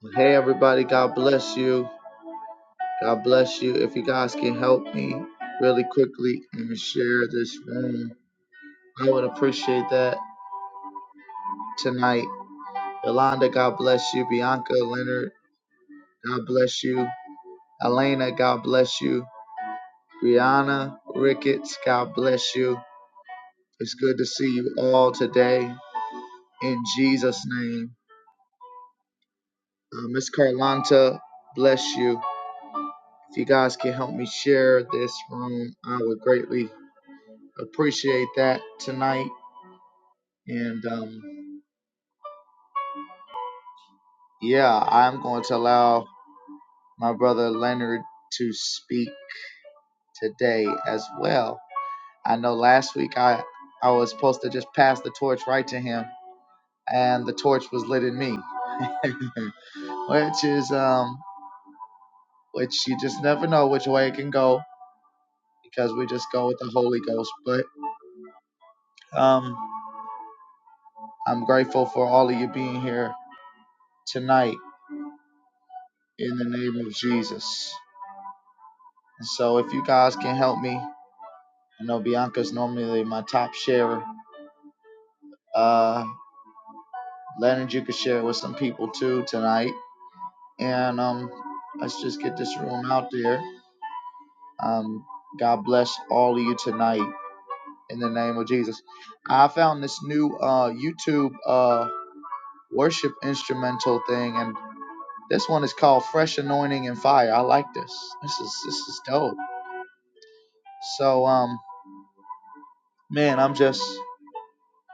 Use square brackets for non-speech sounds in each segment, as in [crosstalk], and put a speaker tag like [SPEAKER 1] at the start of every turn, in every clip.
[SPEAKER 1] Well, Hey everybody, God bless you. God bless you. If you guys can help me really quickly and share this room, I would appreciate that tonight. Yolanda, God bless you. Bianca, Leonard, God bless you. Elena, God bless you. Brianna, Ricketts, God bless you. It's good to see you all today in Jesus' name. Uh, Miss Carlanta, bless you. If you guys can help me share this room, I would greatly Appreciate that tonight. And um, yeah, I'm going to allow my brother Leonard to speak today as well. I know last week I, I was supposed to just pass the torch right to him, and the torch was lit in me. [laughs] which is um which you just never know which way it can go because we just go with the Holy Ghost. But um I'm grateful for all of you being here tonight in the name of Jesus. And so if you guys can help me, I know Bianca's normally my top sharer. Uh, Leonard, you could share it with some people too tonight. And um, let's just get this room out there. Um, God bless all of you tonight in the name of Jesus. I found this new uh, YouTube uh, worship instrumental thing, and this one is called Fresh Anointing and Fire. I like this. This is this is dope. So um, man, I'm just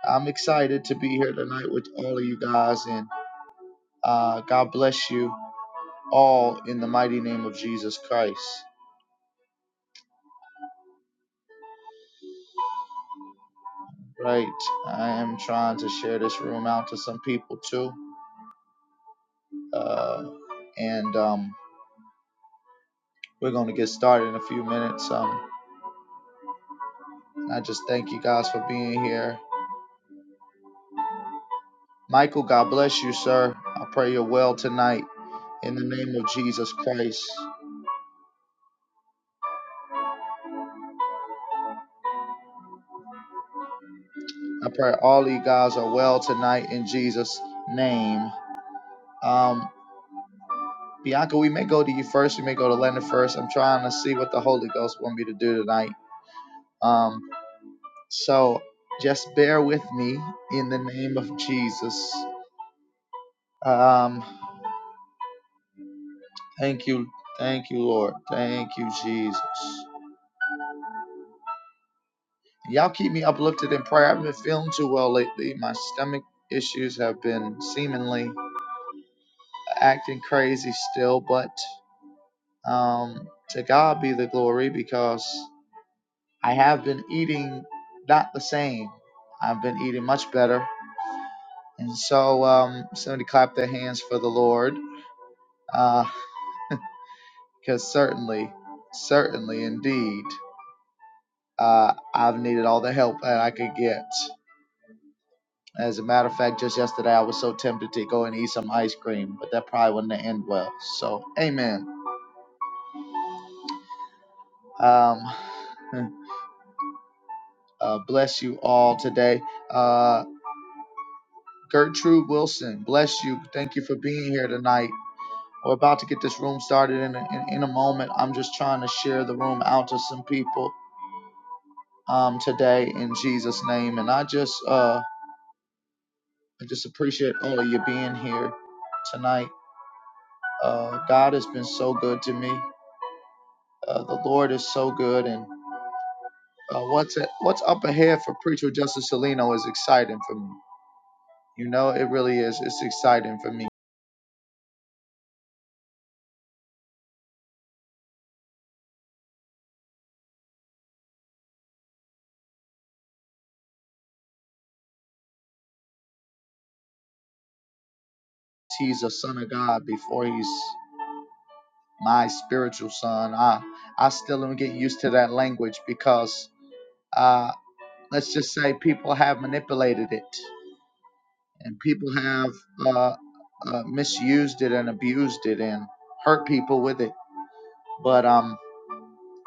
[SPEAKER 1] I'm excited to be here tonight with all of you guys, and uh, God bless you all in the mighty name of Jesus Christ. Right, I am trying to share this room out to some people too, uh, and um, we're going to get started in a few minutes. Um, I just thank you guys for being here. Michael, God bless you, sir. I pray you're well tonight in the name of Jesus Christ. I pray all of you guys are well tonight in Jesus' name. Um, Bianca, we may go to you first. We may go to Leonard first. I'm trying to see what the Holy Ghost want me to do tonight. Um, so just bear with me in the name of Jesus. Um, thank you, thank you, Lord, thank you, Jesus. Y'all keep me uplifted in prayer. I haven't been feeling too well lately. My stomach issues have been seemingly acting crazy still, but um, to God be the glory because I have been eating not the same. I've been eating much better. And so um, somebody clap their hands for the Lord, because uh, certainly, certainly indeed, uh, I've needed all the help that I could get. As a matter of fact, just yesterday I was so tempted to go and eat some ice cream, but that probably wouldn't end well. So, amen. Um, [laughs] uh, bless you all today. Uh, Gertrude Wilson, bless you. Thank you for being here tonight. We're about to get this room started in a, in, in a moment. I'm just trying to share the room out to some people um, today in Jesus' name. And I just uh, I just appreciate all of you being here tonight. Uh, God has been so good to me. Uh, the Lord is so good, and uh, what's a, what's up ahead for Preacher Justice Salino is exciting for me. You know, it really is. It's exciting for me. He's a son of God before he's my spiritual son. I I still am getting used to that language because Uh, let's just say people have manipulated it, and people have uh, uh, misused it and abused it and hurt people with it. But um,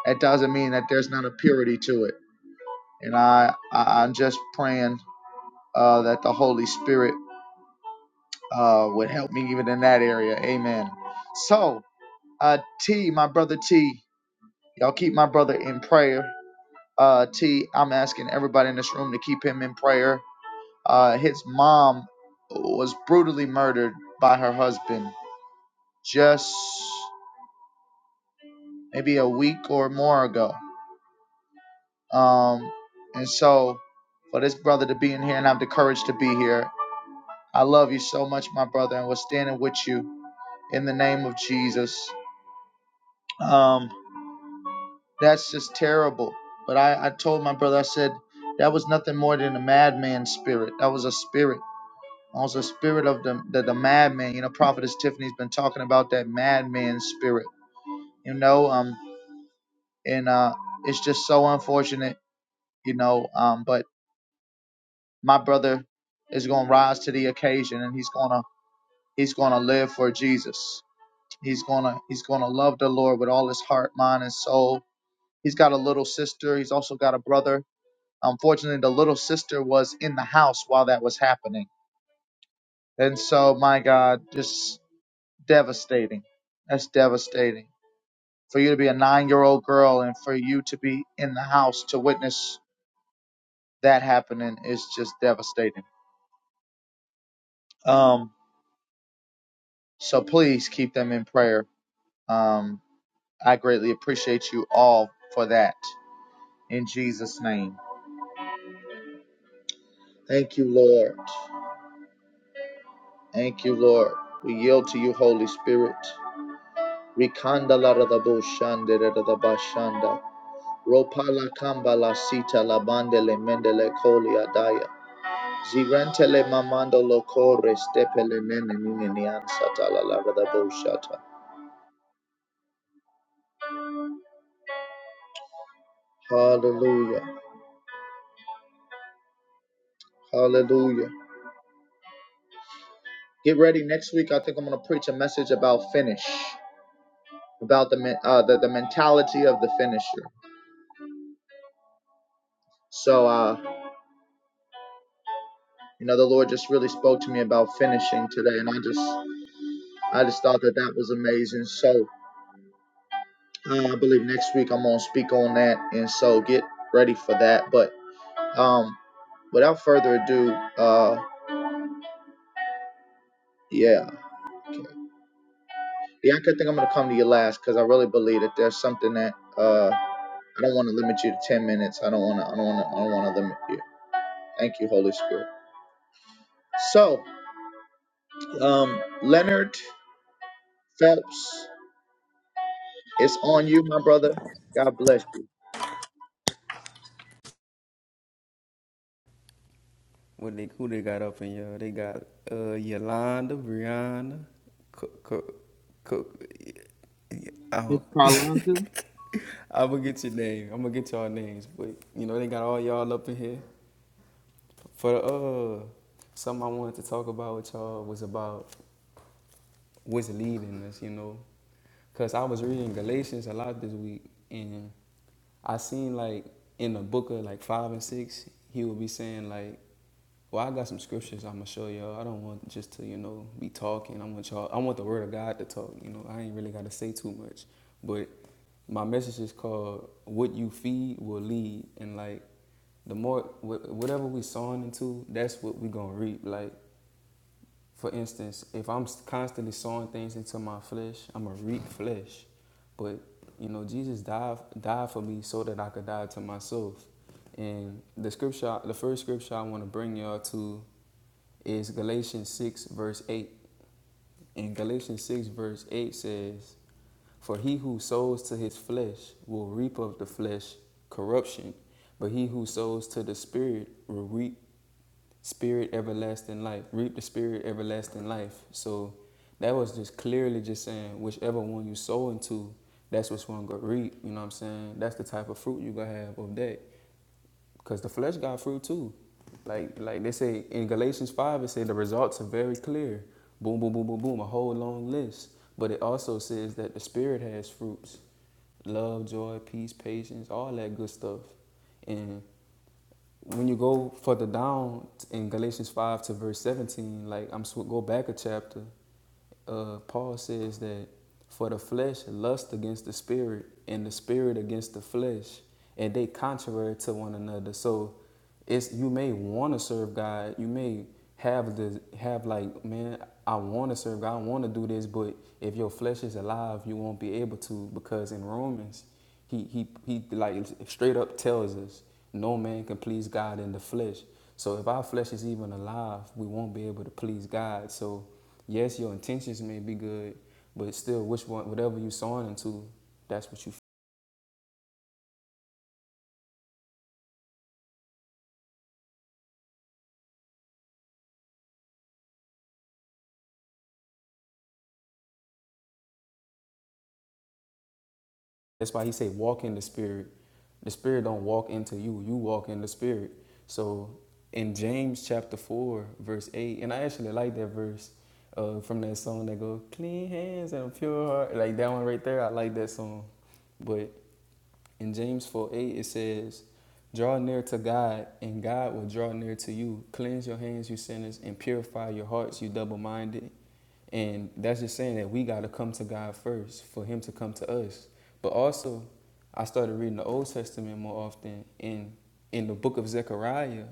[SPEAKER 1] that doesn't mean that there's not a purity to it. And I, I I'm just praying uh, that the Holy Spirit uh, would help me even in that area. Amen. So uh, T, my brother T, y'all keep my brother in prayer. Uh, T, I'm asking everybody in this room to keep him in prayer. Uh, his mom was brutally murdered by her husband just maybe a week or more ago. Um, and so for this brother to be in here and have the courage to be here, I love you so much, my brother, and we're standing with you in the name of Jesus. Um, that's just terrible. But I, I told my brother, I said, that was nothing more than a madman's spirit. That was a spirit. Also, spirit of the the, the madman. You know, Prophetess Tiffany's been talking about that madman spirit. You know, um, and uh, it's just so unfortunate. You know, um, but my brother is going to rise to the occasion, and he's gonna he's gonna live for Jesus. He's gonna he's gonna love the Lord with all his heart, mind, and soul. He's got a little sister. He's also got a brother. Unfortunately, the little sister was in the house while that was happening, and so my God, just devastating. That's devastating for you to be a nine year old girl and for you to be in the house to witness that happening is just devastating. Um, so please keep them in prayer. Um, I greatly appreciate you all for that. In Jesus' name. Thank you, Lord. Thank you, Lord. We yield to you, Holy Spirit. Rikanda la ra shande ra da kamba la sita la bande le mende le Zirantele mamando lokore stepele nene nene nian satala la la la Hallelujah. Hallelujah. Get ready. Next week, I think I'm going to preach a message about finish, about the, uh, the, the mentality of the finisher. So, uh, you know, the Lord just really spoke to me about finishing today, and I just, I just thought that that was amazing. So, uh, I believe next week I'm gonna speak on that, and so get ready for that. But, um, without further ado, uh, yeah. Yeah, I could think I'm gonna come to you last because I really believe that there's something that uh I don't want to limit you to ten minutes. I don't want to. I don't want to. I don't want to limit you. Thank you, Holy Spirit. So, um, Leonard Phelps, it's on you, my brother. God bless you.
[SPEAKER 2] What they who they got up in y'all? They got uh Yolanda, Brianna, Cook, Cook, Cook. I
[SPEAKER 1] Miss
[SPEAKER 2] don't. [laughs]
[SPEAKER 1] Carlanta?
[SPEAKER 2] I'm gonna get your name. I'm gonna get y'all names, but you know they got all y'all up in here. For the, uh, something I wanted to talk about with y'all was about what's leading us, you know. Cause I was reading Galatians a lot this week, and I seen like in the book of like five and six, he would be saying like, "Well, I got some scriptures I'm gonna show y'all. I don't want just to you know be talking. I want y'all. I want the word of God to talk. You know, I ain't really gotta say too much. But my message is called "What You Feed Will Lead," and like the more wh- whatever we sowing into, that's what we gonna reap. Like for instance, if I'm constantly sowing things into my flesh, I'm gonna reap flesh. But you know, Jesus died died for me so that I could die to myself. And the scripture, the first scripture I want to bring y'all to is Galatians six verse eight. And Galatians six verse eight says, "For he who sows to his flesh will reap of the flesh corruption, but he who sows to the spirit will reap spirit everlasting life reap the spirit everlasting life so that was just clearly just saying whichever one you sow into that's what's going to reap you know what i'm saying that's the type of fruit you gonna have of that because the flesh got fruit too like like they say in galatians 5 it said the results are very clear boom boom boom boom boom a whole long list but it also says that the spirit has fruits love joy peace patience all that good stuff And when you go further down in Galatians 5 to verse 17, like I'm sw- go back a chapter, uh, Paul says that for the flesh lust against the spirit and the spirit against the flesh, and they contrary to one another. So it's you may want to serve God, you may have the have like man, I want to serve God, I want to do this, but if your flesh is alive, you won't be able to because in Romans he he he like straight up tells us, no man can please God in the flesh. So if our flesh is even alive, we won't be able to please God. So yes, your intentions may be good, but still, which one, whatever you are sowing into, that's what you That's why he said, walk in the spirit. The spirit don't walk into you. You walk in the spirit. So in James chapter four, verse eight, and I actually like that verse uh, from that song that go, clean hands and a pure heart. Like that one right there, I like that song. But in James 4 8, it says, Draw near to God, and God will draw near to you. Cleanse your hands, you sinners, and purify your hearts, you double minded. And that's just saying that we got to come to God first for Him to come to us. But also, I started reading the Old Testament more often. In in the book of Zechariah,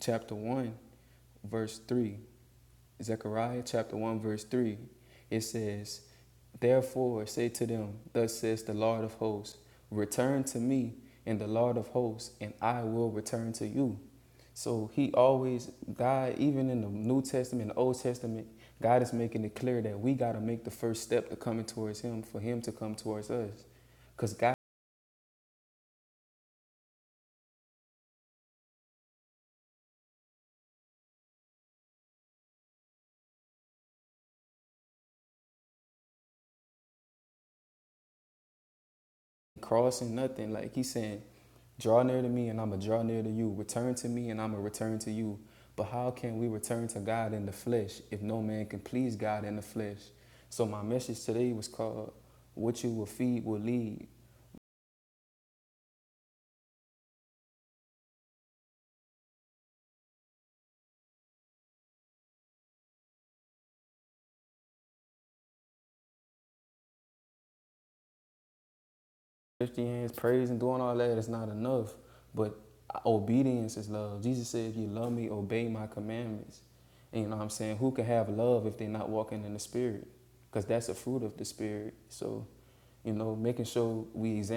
[SPEAKER 2] chapter one, verse three, Zechariah chapter 1, verse 3, it says, Therefore say to them, Thus says the Lord of hosts, Return to me, and the Lord of hosts, and I will return to you. So he always, God, even in the New Testament, the Old Testament, God is making it clear that we got to make the first step to coming towards him for him to come towards us. Because God crossing nothing. Like he's saying, draw near to me and I'ma draw near to you. Return to me and I'ma return to you. But how can we return to God in the flesh if no man can please God in the flesh? So my message today was called What You Will Feed Will Lead. Lifting hands, praise and doing all that is not enough. But obedience is love. Jesus said, If you love me, obey my commandments. And you know what I'm saying? Who can have love if they're not walking in the spirit? Because that's a fruit of the spirit. So, you know, making sure we examine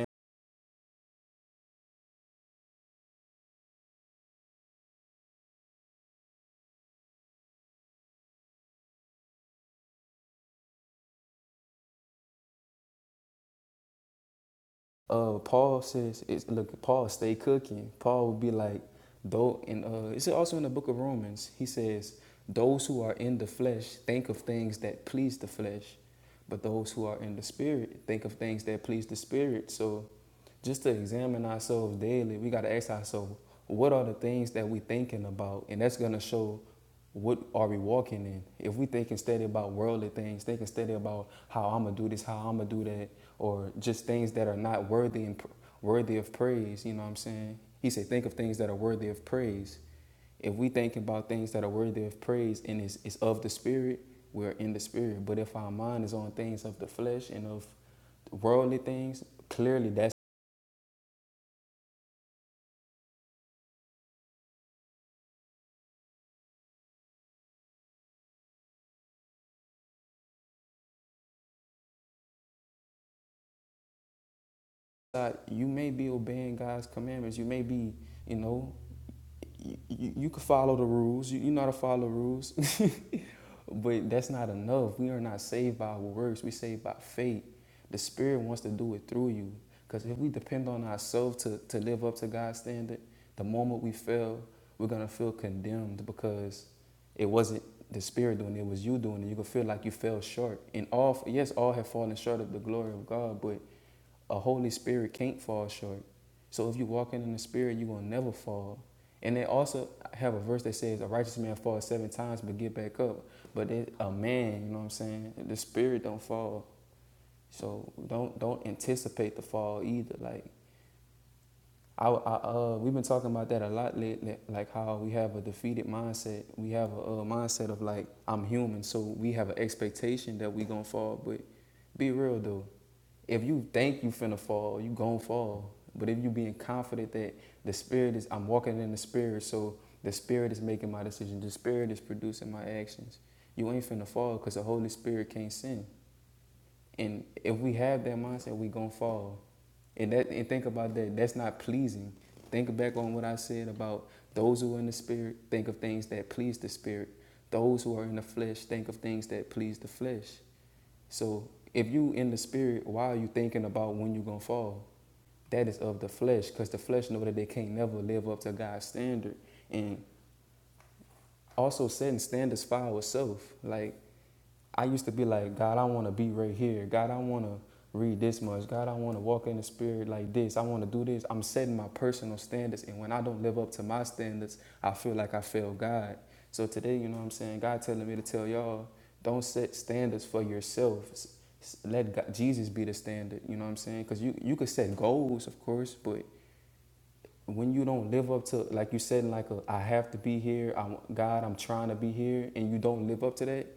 [SPEAKER 2] uh Paul says it's look Paul stay cooking. Paul would be like though and uh it's also in the book of Romans. He says those who are in the flesh think of things that please the flesh, but those who are in the spirit think of things that please the spirit. So just to examine ourselves daily, we got to ask ourselves what are the things that we thinking about and that's going to show what are we walking in? If we thinking steady about worldly things, thinking steady about how I'm gonna do this, how I'm gonna do that, or just things that are not worthy and worthy of praise, you know what I'm saying? He said, think of things that are worthy of praise. If we think about things that are worthy of praise and it's, it's of the spirit, we're in the spirit. But if our mind is on things of the flesh and of worldly things, clearly that's not, you may be obeying God's commandments. You may be, you know, you, you could follow the rules. You, you know how to follow the rules. [laughs] but that's not enough. We are not saved by our works. We saved by faith. The Spirit wants to do it through you. Because if we depend on ourselves to, to live up to God's standard, the moment we fail, we're going to feel condemned because it wasn't the Spirit doing it, it was you doing it. You could feel like you fell short. And all, yes, all have fallen short of the glory of God, but a Holy Spirit can't fall short. So if you're walking in the Spirit, you're gonna never fall. And they also have a verse that says, "A righteous man falls seven times but get back up." But it, a man, you know what I'm saying? The Spirit don't fall. So don't don't anticipate the fall either. Like I, I uh, we've been talking about that a lot lately. Like how we have a defeated mindset. We have a, uh mindset of like I'm human, so we have an expectation that we gonna fall. But be real though, if you think you finna fall, you gon' fall. But if you being confident that the spirit is, I'm walking in the spirit, so the spirit is making my decision. The spirit is producing my actions. You ain't finna fall because the Holy Spirit can't sin. And if we have that mindset, we gonna fall. And that and think about that. That's not pleasing. Think back on what I said about those who are in the spirit think of things that please the spirit. Those who are in the flesh think of things that please the flesh. So if you in the spirit, why are you thinking about when you're gonna fall? That is of the flesh, because the flesh know that they can't never live up to God's standard. And also setting standards for ourselves. Like I used to be like, God, I want to be right here. God, I want to read this much. God, I want to walk in the spirit like this. I want to do this. I'm setting my personal standards. And when I don't live up to my standards, I feel like I failed God. So today, you know what I'm saying? God telling me to tell y'all, don't set standards for yourself. Let God, Jesus be the standard. You know what I'm saying? Because you, you could set goals, of course, but when you don't live up to, like you said, like a, I have to be here, I, God, I'm trying to be here, and you don't live up to that,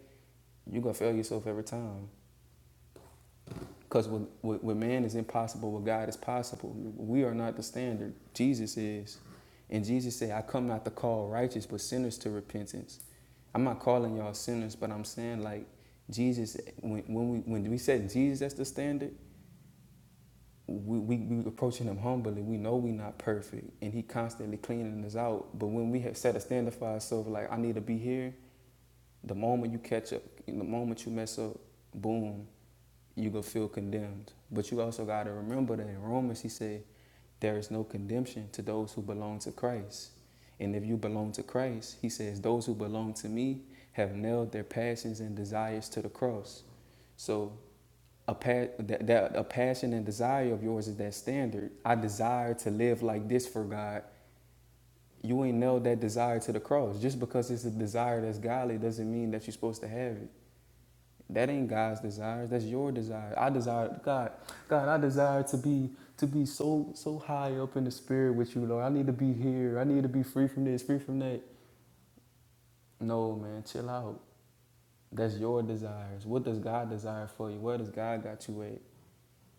[SPEAKER 2] you're going to fail yourself every time. Because with, with, with man is impossible, with God is possible. We are not the standard. Jesus is. And Jesus said, I come not to call righteous, but sinners to repentance. I'm not calling y'all sinners, but I'm saying like Jesus, when, when, we, when we set Jesus as the standard, we, we, we approaching him humbly. We know we not perfect and he constantly cleaning us out. But when we have set a standard for ourselves, like I need to be here, the moment you catch up, the moment you mess up, boom, you gonna feel condemned. But you also gotta remember that in Romans he said, there is no condemnation to those who belong to Christ. And if you belong to Christ, he says, those who belong to me have nailed their passions and desires to the cross. So a, pa- that, that, a passion and desire of yours is that standard. I desire to live like this for God. You ain't nailed that desire to the cross. Just because it's a desire that's godly doesn't mean that you're supposed to have it. That ain't God's desires. That's your desire. I desire God. God, I desire to be to be so so high up in the spirit with you, Lord. I need to be here. I need to be free from this, free from that. No, man, chill out. That's your desires. What does God desire for you? Where does God got you at?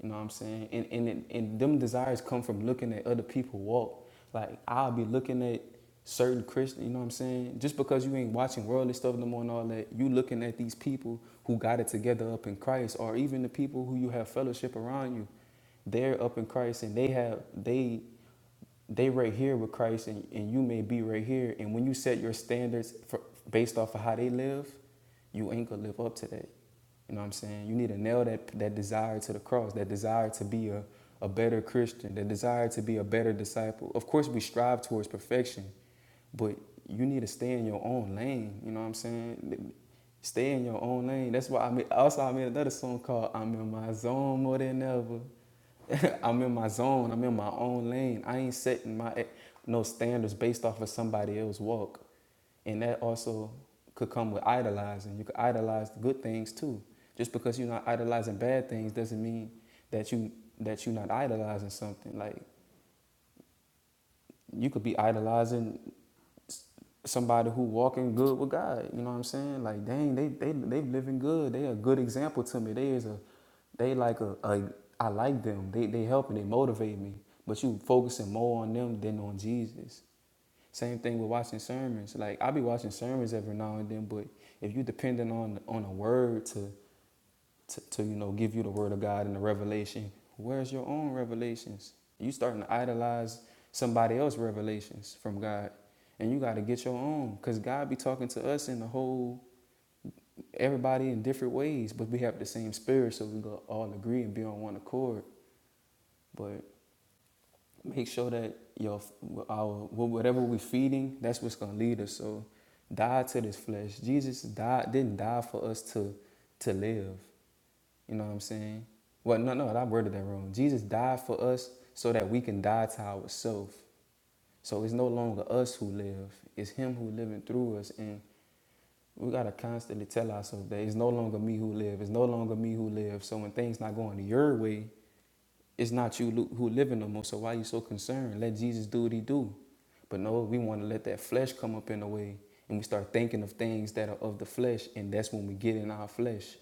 [SPEAKER 2] You know what I'm saying? And and and them desires come from looking at other people walk. Like I'll be looking at certain Christian, you know what I'm saying? Just because you ain't watching worldly stuff no more and all that, you looking at these people who got it together up in Christ, or even the people who you have fellowship around you, they're up in Christ and they have they they right here with Christ and, and you may be right here. And when you set your standards for, based off of how they live, you ain't gonna live up to that. You know what I'm saying? You need to nail that that desire to the cross, that desire to be a, a better Christian, that desire to be a better disciple. Of course we strive towards perfection, but you need to stay in your own lane. You know what I'm saying? Stay in your own lane. That's why I made also I made another song called I'm in my zone more than ever. [laughs] I'm in my zone. I'm in my own lane. I ain't setting my e, no standards based off of somebody else's walk, and that also could come with idolizing. You could idolize the good things too. Just because you're not idolizing bad things doesn't mean that you that you're not idolizing something. Like you could be idolizing somebody who walking good with God. You know what I'm saying? Like, dang, they they they living good. They a good example to me. They is a they like a, a I like them. They they helping. They motivate me. But you focusing more on them than on Jesus. Same thing with watching sermons. Like I be watching sermons every now and then, but if you depending on on a word to to, to you know give you the word of God and the revelation. Where's your own revelations? You starting to idolize somebody else's revelations from God, and you got to get your own because God be talking to us in the whole everybody in different ways, but we have the same spirit, so we gonna all agree and be on one accord. But make sure that your our whatever we're feeding, that's what's gonna lead us. So die to this flesh. Jesus died didn't die for us to to live. You know what I'm saying? Well, no, no, I worded that wrong. Jesus died for us so that we can die to ourselves. So it's no longer us who live; it's Him who living through us, and we gotta constantly tell ourselves that it's no longer me who live. It's no longer me who live. So when things not going your way, it's not you who living no more. So why you so concerned? Let Jesus do what he do. But no, we want to let that flesh come up in the way, and we start thinking of things that are of the flesh, and that's when we get in our flesh.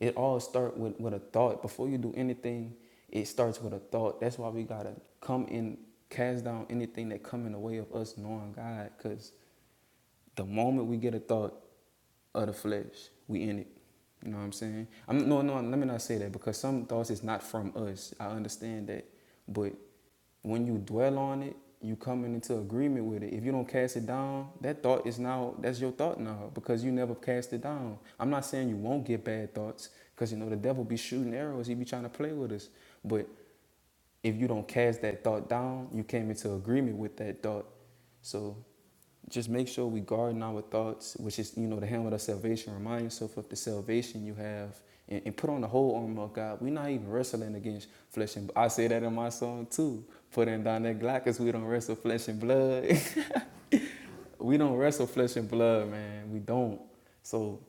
[SPEAKER 2] It all start with, with a thought. Before you do anything, it starts with a thought. That's why we gotta come in, cast down anything that come in the way of us knowing God, because the moment we get a thought of the flesh, we in it. You know what I'm saying? I'm no, no. Let me not say that because some thoughts is not from us. I understand that, but when you dwell on it, you coming into agreement with it. If you don't cast it down, that thought is now that's your thought now because you never cast it down. I'm not saying you won't get bad thoughts because you know the devil be shooting arrows. He be trying to play with us, but if you don't cast that thought down, you came into agreement with that thought. So just make sure we garden our thoughts, which is, you know, the helmet of salvation. Remind yourself of the salvation you have and, and put on the whole armor of God. We're not even wrestling against flesh and blood. I say that in my song too. Putting down that Glock because we don't wrestle flesh and blood. [laughs] we don't wrestle flesh and blood, man. We don't. So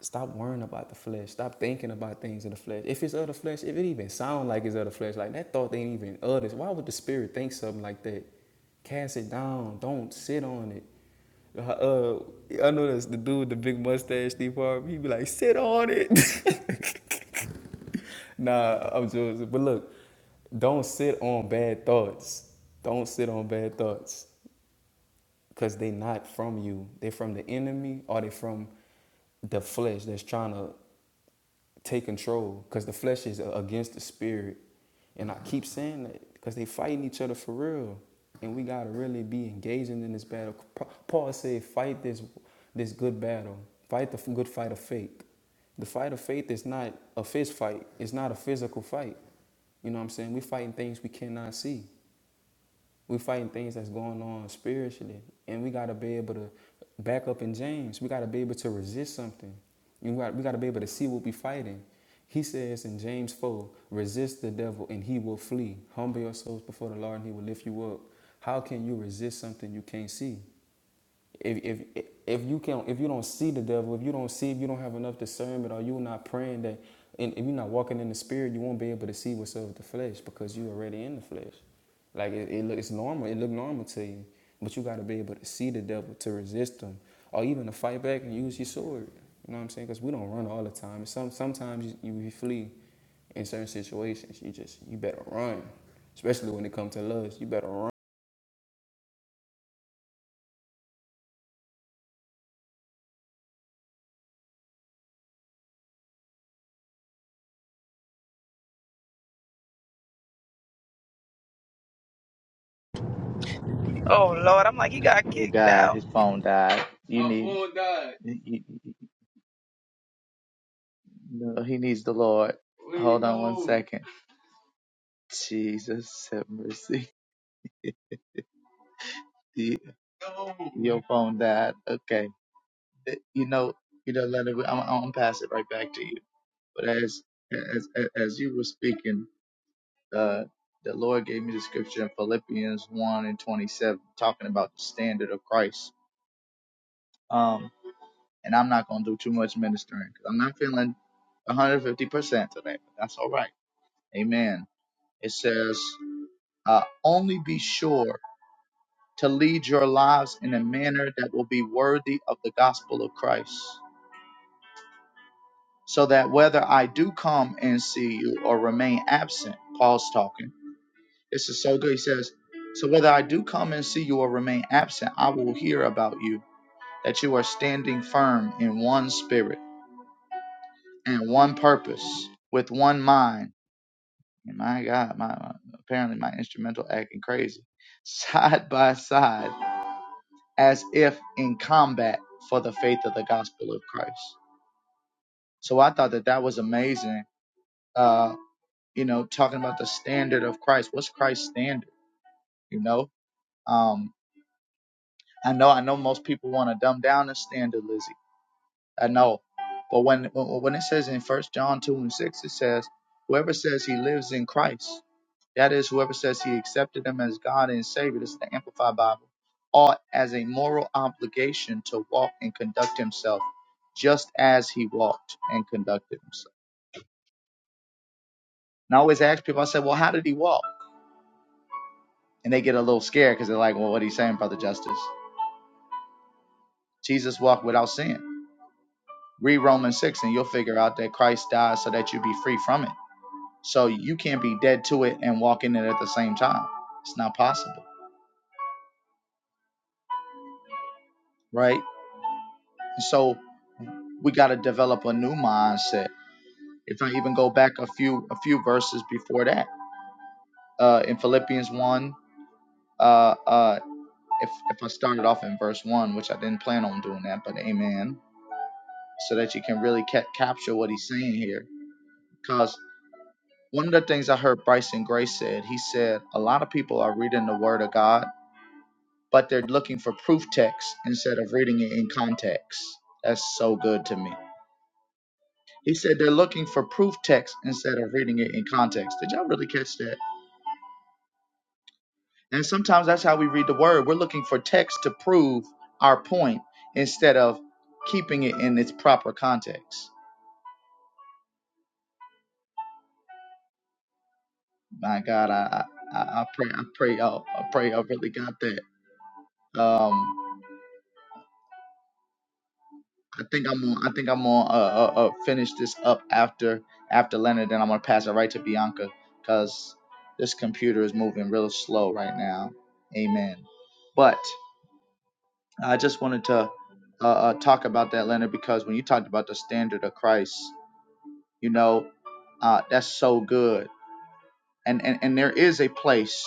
[SPEAKER 2] Stop worrying about the flesh. Stop thinking about things in the flesh. If it's of the flesh, if it even sound like it's of the flesh, like that thought ain't even of this. Why would the spirit think something like that? Cast it down. Don't sit on it. Uh, uh, I know that's the dude with the big mustache, Steve Harvey. He be like, sit on it. [laughs] nah, I'm joking. But look, don't sit on bad thoughts. Don't sit on bad thoughts because they not from you. They're from the enemy or they from the flesh that's trying to take control because the flesh is uh, against the spirit. And I keep saying that because they fighting each other for real. And we got to really be engaging in this battle. Paul said, fight this, this good battle. Fight the good fight of faith. The fight of faith is not a fist fight. It's not a physical fight. You know what I'm saying? We're fighting things we cannot see. We fighting things that's going on spiritually, and we gotta be able to back up in James. We gotta be able to resist something. You got, we gotta be able to see what we are fighting. He says in James 4, resist the devil and he will flee. Humble yourselves before the Lord and he will lift you up. How can you resist something you can't see? if if if you can if you don't see the devil, if you don't see, if you don't have enough discernment, or you're not praying that, and if you're not walking in the spirit, you won't be able to see what's of the flesh because you're already in the flesh. Like it, it it's normal, it look normal to you, but you got to be able to see the devil to resist him, or even to fight back and use your sword. You know what I'm saying? Because we don't run all the time. Some sometimes you, you flee in certain situations. You just you better run, especially when it comes to lust. You better run.
[SPEAKER 3] Oh Lord, I'm like, he got
[SPEAKER 1] Oh
[SPEAKER 3] kicked
[SPEAKER 1] God,
[SPEAKER 3] out.
[SPEAKER 1] his phone died. You My need. phone died. you- you- No, he needs the Lord. Where Hold on one second. Jesus have mercy. [laughs] Your No. Your phone died. Okay. you know, you know, Leonard, I'm, I'm gonna pass it right back to you. But as as as you were speaking, uh, the Lord gave me the scripture in Philippians one and twenty seven, talking about the standard of Christ. Um, and I'm not gonna do too much ministering because 'cause I'm not feeling 150 percent today. But that's all right. Amen. It says, uh, only be sure to lead your lives in a manner that will be worthy of the gospel of Christ so that whether I do come and see you or remain absent, Paul's talking. This is so good. He says, So whether I do come and see you or remain absent, I will hear about you, that you are standing firm in one spirit and one purpose with one mind. And my God, my my- apparently my instrumental acting crazy. [laughs] Side by side, as if in combat for the faith of the gospel of Christ. So I thought that that was amazing Uh, you know, talking about the standard of Christ. What's Christ's standard? You know, um, I know, I know, most people want to dumb down the standard, Lizzie. I know, but when when it says in First John two and six, it says, "Whoever says he lives in Christ, that is, whoever says he accepted him as God and Savior." This is the Amplified Bible. Ought as a moral obligation to walk and conduct himself just as he walked and conducted himself. And I always ask people, I say, well, how did he walk? And they get a little scared because they're like, well, what are you saying, Brother Justice? Jesus walked without sin. Read Romans 6 and you'll figure out that Christ died so that you be free from it. So you can't be dead to it and walk in it at the same time. It's not possible, right? And so we got to develop a new mindset. If I even go back a few a few verses before that, uh, in Philippians 1, uh, uh, if, if I started off in verse 1, which I didn't plan on doing that, but amen, so that you can really ca- capture what he's saying here. because One of the things I heard Bryson Gray said, he said, a lot of people are reading the Word of God, but they're looking for proof text instead of reading it in context. That's so good to me. He said they're looking for proof text instead of reading it in context. Did y'all really catch that? And sometimes that's how we read the Word. We're looking for text to prove our point instead of keeping it in its proper context. My God, I I, I I pray I pray y'all I pray y'all really got that. Um, I think I'm gonna I think I'm gonna uh, uh, uh, finish this up after after Leonard, then I'm gonna pass it right to Bianca because this computer is moving real slow right now. Amen. But I just wanted to uh, uh, talk about that, Leonard, because when you talked about the standard of Christ, you know, uh, that's so good and, and and there is a place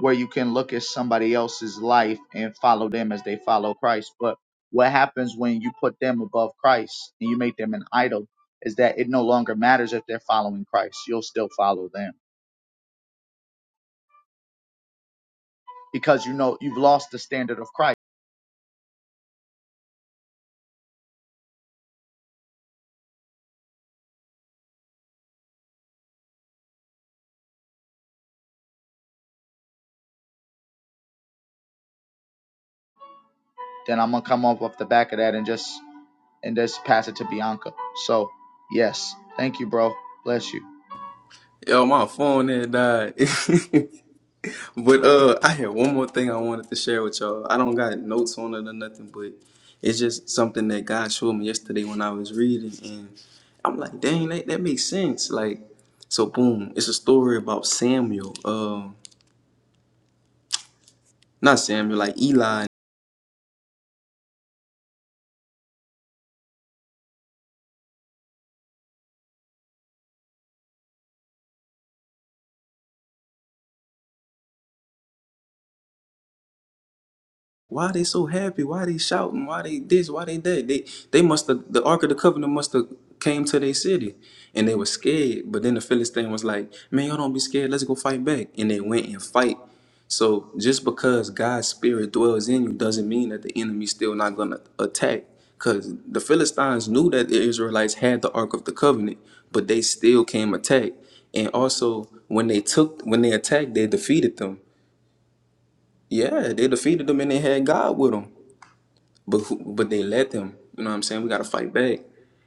[SPEAKER 1] where you can look at somebody else's life and follow them as they follow Christ. But what happens when you put them above Christ and you make them an idol is that it no longer matters if they're following Christ. You'll still follow them because you know you've lost the standard of Christ. Then I'm gonna come off off the back of that and just and just pass it to Bianca. So yes, thank you, bro. Bless you.
[SPEAKER 2] Yo, my phone then died. [laughs] But uh, I had one more thing I wanted to share with y'all. I don't got notes on it or nothing, but it's just something that God showed me yesterday when I was reading, and I'm like, dang, that, that makes sense. Like, so boom, it's a story about Samuel. Um, not Samuel, like Eli Why are they so happy? Why they shouting? Why they this? Why they that? They they must have the Ark of the Covenant must have came to their city and they were scared. But then the Philistine was like, Man, y'all don't be scared, let's go fight back. And they went and fight. So just because God's spirit dwells in you doesn't mean that the enemy's still not gonna attack. Cause the Philistines knew that the Israelites had the Ark of the Covenant, but they still came attack. And also when they took when they attacked, they defeated them. Yeah, they defeated them and they had God with them but who, but they let them. You know what I'm saying? We got to fight back.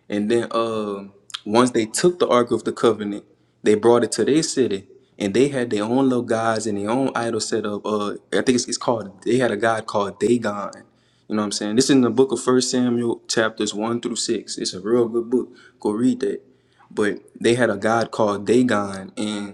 [SPEAKER 2] And then uh, once they took the Ark of the Covenant, they brought it to their city, and they had their own little guys and their own idol set up. Uh, I think it's, it's called. They had a god called Dagon. You know what I'm saying? This is in the book of First Samuel, chapters one through six. It's a real good book. Go read that. But they had a god called Dagon, and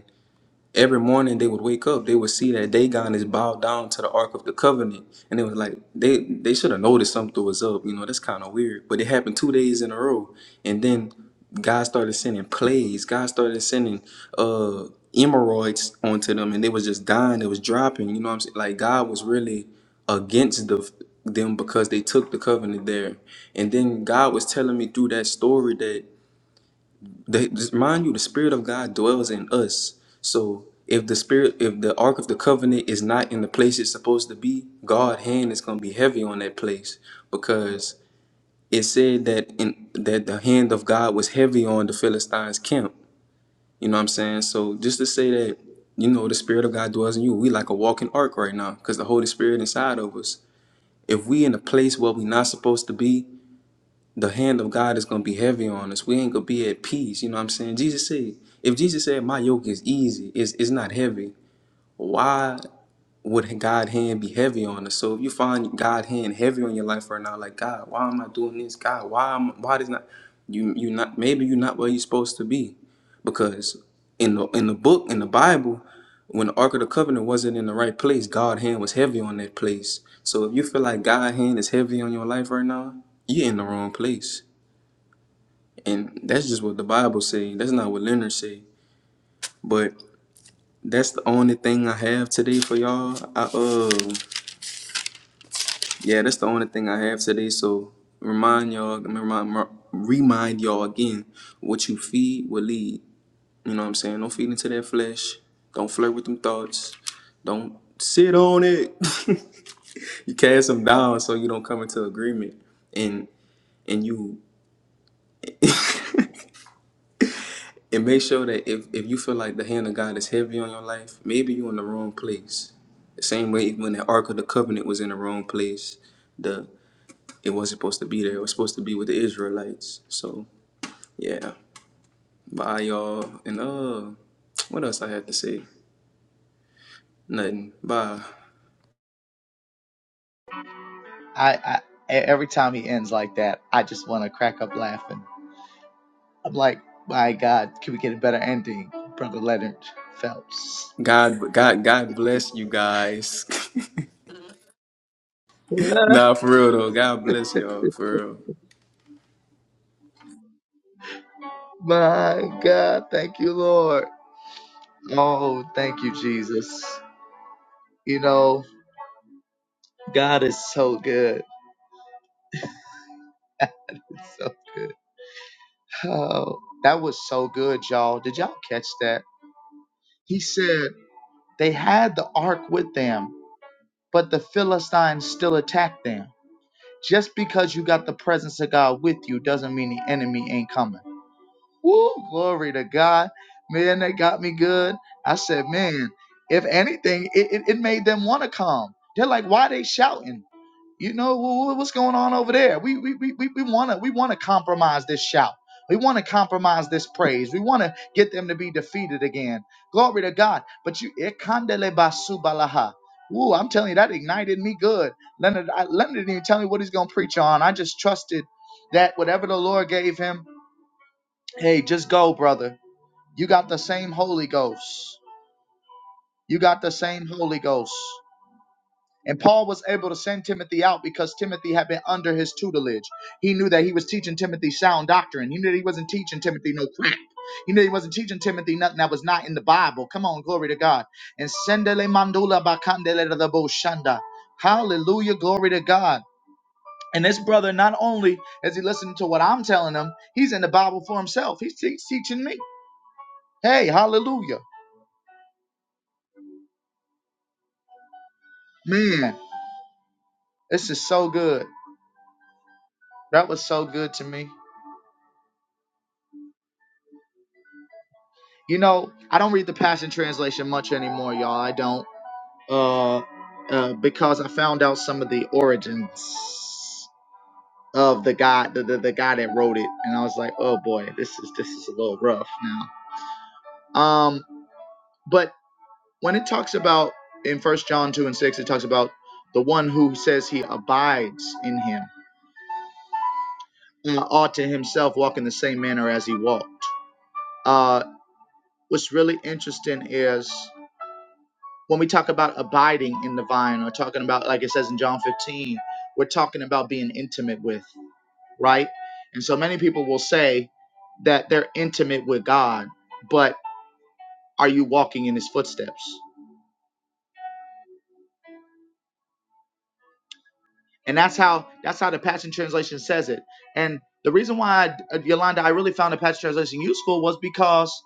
[SPEAKER 2] Every morning they would wake up, they would see that Dagon is bowed down to the Ark of the Covenant, and it was like they they should have noticed something was up. You know, that's kind of weird. But it happened two days in a row, and then God started sending plagues. God started sending uh emeroids onto them, and they was just dying. It was dropping. You know what I'm saying? Like God was really against the them because they took the covenant there. And then God was telling me through that story that. The, just mind you, the Spirit of God dwells in us. So if the Spirit, if the Ark of the Covenant is not in the place it's supposed to be, God's hand is going to be heavy on that place because it said that in that the hand of God was heavy on the Philistines' camp. You know what I'm saying? So just to say that, you know, the Spirit of God dwells in you, we like a walking ark right now because the Holy Spirit inside of us. If we in a place where we not supposed to be, the hand of God is gonna be heavy on us. We ain't gonna be at peace. You know what I'm saying? Jesus said, if Jesus said my yoke is easy, it's, it's not heavy why would God hand be heavy on us? So if you find God hand heavy on your life right now, like God, why am I doing this? God, why am why does not you you not maybe you're not where you're supposed to be, because in the in the book in the Bible, when the Ark of the Covenant wasn't in the right place, God hand was heavy on that place. So if you feel like God hand is heavy on your life right now, you're in the wrong place, and that's just what the Bible say. That's not what Leonard say, but. That's the only thing I have today for y'all. I uh Yeah, that's the only thing I have today. So remind y'all, I mean, remind, remind y'all again, what you feed will lead. You know what I'm saying? Don't feed into that flesh. Don't flirt with them thoughts. Don't sit on it. [laughs] you cast them down so you don't come into agreement. And and you and make sure that if, if you feel like the hand of God is heavy on your life, maybe you're in the wrong place. The same way when the Ark of the Covenant was in the wrong place. it wasn't supposed to be there. It was supposed to be with the Israelites. So yeah, bye y'all. And uh, what else I had to say? Nothing. Bye.
[SPEAKER 1] I I e- every time he ends like that, I just want to crack up laughing. I'm like, my God, can we get a better ending? Brother Leonard Phelps.
[SPEAKER 2] God, God, God bless you guys.
[SPEAKER 1] [laughs]
[SPEAKER 2] [laughs]
[SPEAKER 1] my
[SPEAKER 2] nah, for real though. God bless y'all. For real.
[SPEAKER 1] God, thank you, Lord. Oh, thank you, Jesus. You know, God is so good. [laughs] It's so good. Oh, that was so good, y'all. Did y'all catch that? He said they had the ark with them, but the Philistines still attacked them. Just because you got the presence of God with you doesn't mean the enemy ain't coming. Woo, glory to God. Man, that got me good. I said, man, if anything, it, it, it made them want to come. They're like, why they shouting? You know, wh- wh- what's going on over there? We we we we want to we want to compromise this shout. We want to compromise this praise. We want to get them to be defeated again. Glory to God. But you, ikandele basubalaha. Woo, I'm telling you, that ignited me good. Leonard, I, Leonard didn't even tell me what he's going to preach on. I just trusted that whatever the Lord gave him, hey, just go, brother you got the same Holy Ghost. You got the same Holy Ghost. And Paul was able to send Timothy out because Timothy had been under his tutelage. He knew that he was teaching Timothy sound doctrine. He knew that he wasn't teaching Timothy no crap. He knew he wasn't teaching Timothy nothing that was not in the Bible. Come on, glory to God. And sendele mandula bakandele de bo Hallelujah, glory to God. And this brother, not only is he listening to what I'm telling him, he's in the Bible for himself. He's, he's teaching me. Hey, hallelujah. Man. This is so good. That was so good to me. You know, I don't read the Passion Translation much anymore, y'all. I don't. Uh, uh, because I found out some of the origins of the guy, the, the, the guy that wrote it, and I was like, oh boy, this is this is a little rough now. Um, but when it talks about in First John two and six, it talks about the one who says he abides in Him uh, ought to himself walk in the same manner as he walked. Uh, what's really interesting is when we talk about abiding in the vine or talking about like it says in john 15 we're talking about being intimate with right and so many people will say that they're intimate with god but are you walking in his footsteps and that's how that's how the passion translation says it and the reason why I, yolanda i really found the passion translation useful was because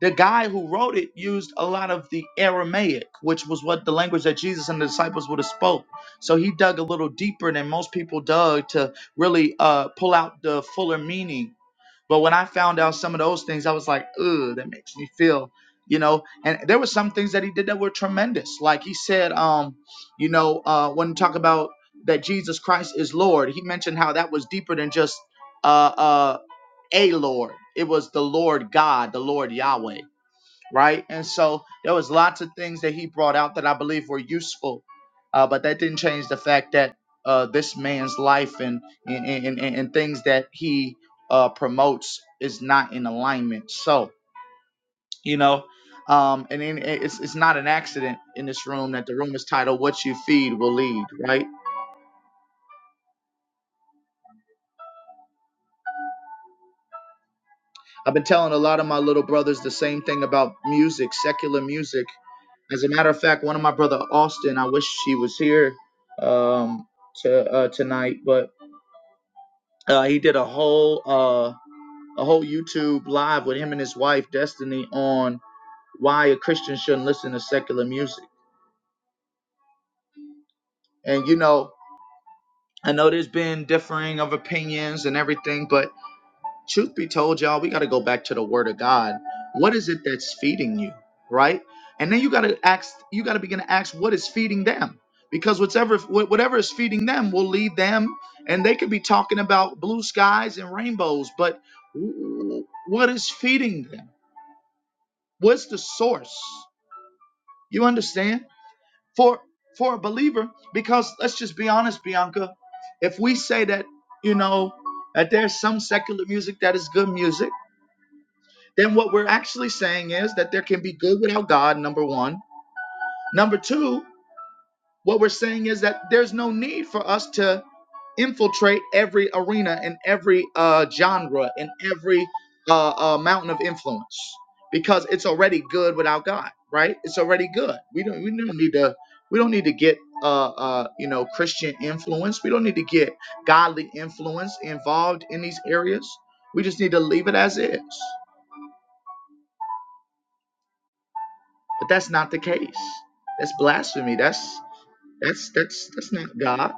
[SPEAKER 1] the guy who wrote it used a lot of the aramaic which was what the language that jesus and the disciples would have spoke so he dug a little deeper than most people dug to really uh, pull out the fuller meaning but when i found out some of those things i was like ugh that makes me feel you know and there were some things that he did that were tremendous like he said um you know uh when talk about that jesus christ is lord he mentioned how that was deeper than just uh uh a lord it was the lord god the lord yahweh right? And so there was lots of things that he brought out that I believe were useful, uh, but that didn't change the fact that uh, this man's life and and, and, and and things that he uh, promotes is not in alignment. So you know, um, and then it's it's not an accident in this room that the room is titled "What You Feed Will Lead," right? I've been telling a lot of my little brothers the same thing about music, secular music. As a matter of fact, one of my brother Austin, I wish he was here um, to uh, tonight, but uh, he did a whole uh, a whole YouTube live with him and his wife Destiny on why a Christian shouldn't listen to secular music. And you know, I know there's been differing of opinions and everything, but truth be told, y'all, we got to go back to the word of God. What is it that's feeding you, right? And then you got to ask, you got to begin to ask, what is feeding them? Because whatever, whatever is feeding them will lead them, and they could be talking about blue skies and rainbows, but what is feeding them? What's the source? You understand? For for a believer, because let's just be honest, Bianca, if we say that you know that there's some secular music that is good music then what we're actually saying is that there can be good without God, number one. Number two, what we're saying is that there's no need for us to infiltrate every arena and every uh, genre and every uh, uh, mountain of influence because it's already good without God, right? It's already good. We don't we don't need to we don't need to get uh, uh, you know Christian influence. We don't need to get godly influence involved in these areas. We just need to leave it as is. But that's not the case. That's blasphemy. That's that's that's that's not God.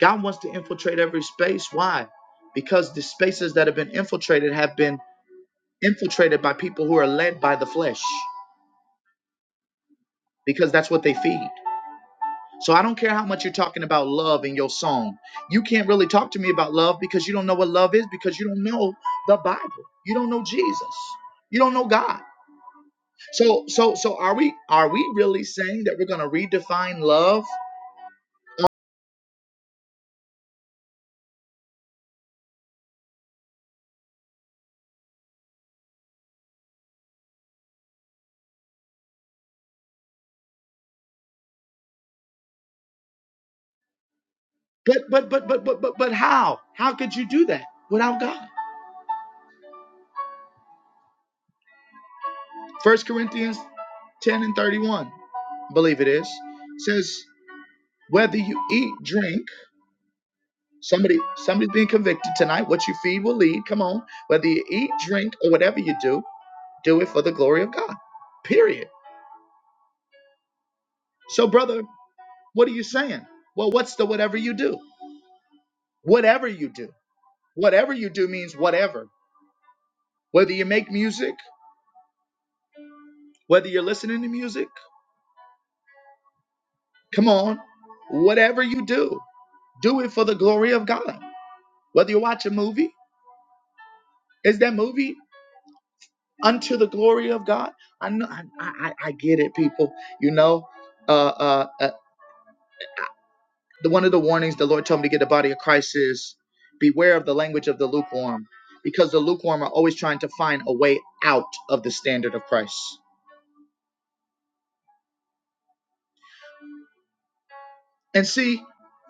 [SPEAKER 1] God wants to infiltrate every space. Why? Because the spaces that have been infiltrated have been infiltrated by people who are led by the flesh. Because that's what they feed. So I don't care how much you're talking about love in your song. You can't really talk to me about love because you don't know what love is because you don't know the Bible. You don't know Jesus. You don't know God. So so so are we are we really saying that we're going to redefine love But but but but but but but how? How could you do that without God? First Corinthians 10 and 31, I believe it is, says whether you eat, drink, somebody somebody's being convicted tonight, what you feed will lead. Come on. Whether you eat, drink, or whatever you do, do it for the glory of God. Period. So, brother, what are you saying? Well, what's the whatever you do? Whatever you do. Whatever you do means whatever. Whether you make music, whether you're listening to music. Come on. Whatever you do, do it for the glory of God. Whether you watch a movie, is that movie unto the glory of God? I know I, I, I get it, people. You know, uh, uh, uh, the one of the warnings the Lord told me to get the body of Christ is beware of the language of the lukewarm, because the lukewarm are always trying to find a way out of the standard of Christ. And see,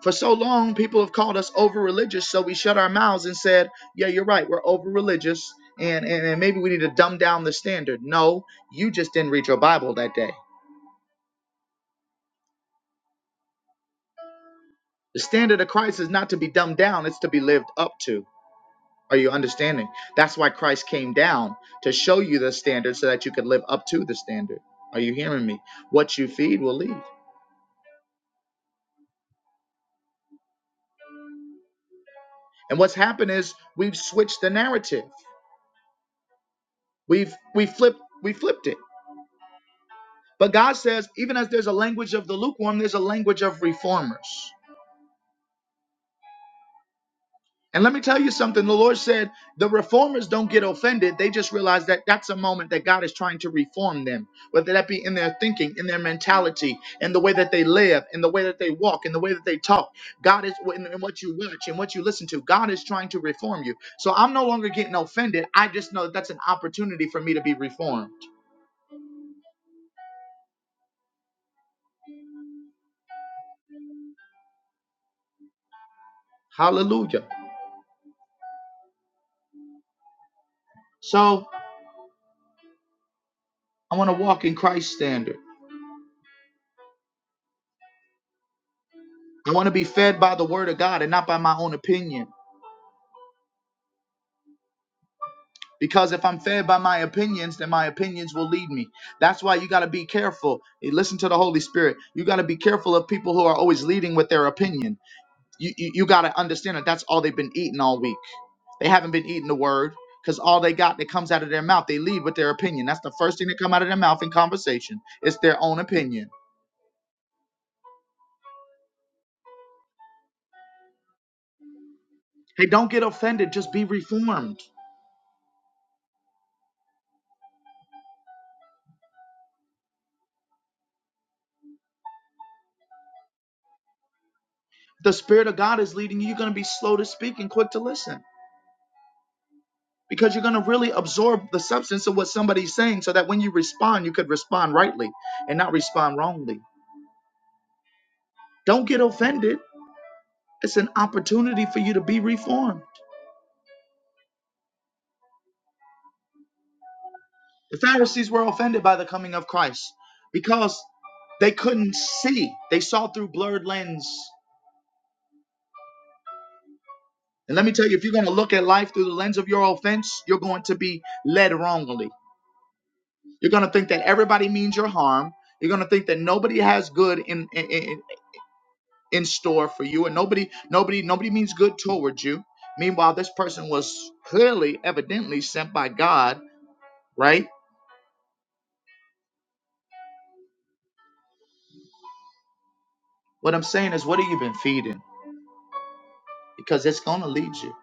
[SPEAKER 1] for so long, people have called us over religious, so we shut our mouths and said, Yeah, you're right, we're over religious, and, and, and maybe we need to dumb down the standard. No, you just didn't read your Bible that day. The standard of Christ is not to be dumbed down, it's to be lived up to. Are you understanding? That's why Christ came down to show you the standard so that you could live up to the standard. Are you hearing me? What you feed will lead. And what's happened is we've switched the narrative. We've we flipped we flipped it But God says, even as there's a language of the lukewarm, there's a language of reformers. And let me tell you something the Lord said, the reformers don't get offended. They just realize that that's a moment that God is trying to reform them, whether that be in their thinking, in their mentality, in the way that they live, in the way that they walk, in the way that they talk. God is, in, in what you watch and what you listen to, God is trying to reform you. So I'm no longer getting offended. I just know that that's an opportunity for me to be reformed. Hallelujah. So I want to walk in Christ's standard. I want to be fed by the word of God and not by my own opinion. Because if I'm fed by my opinions, then my opinions will lead me. That's why you got to be careful. You listen to the Holy Spirit. You got to be careful of people who are always leading with their opinion. You, you, you got to understand that that's all they've been eating all week. They haven't been eating the word because all they got that comes out of their mouth, they lead with their opinion. That's the first thing that come out of their mouth in conversation. It's their own opinion. Hey, don't get offended. Just be reformed. The Spirit of God is leading you. You're going to be slow to speak and quick to listen. because you're going to really absorb the substance of what somebody's saying so that when you respond, you could respond rightly and not respond wrongly. Don't get offended. It's an opportunity for you to be reformed. The Pharisees were offended by the coming of Christ because they couldn't see. They saw through blurred lens. And let me tell you, if you're going to look at life through the lens of your offense, you're going to be led wrongly. You're going to think that everybody means your harm. You're going to think that nobody has good in. in, in, in store for you and nobody nobody nobody means good towards you meanwhile this person was clearly evidently sent by god right what i'm saying is what have you been feeding because it's going to lead you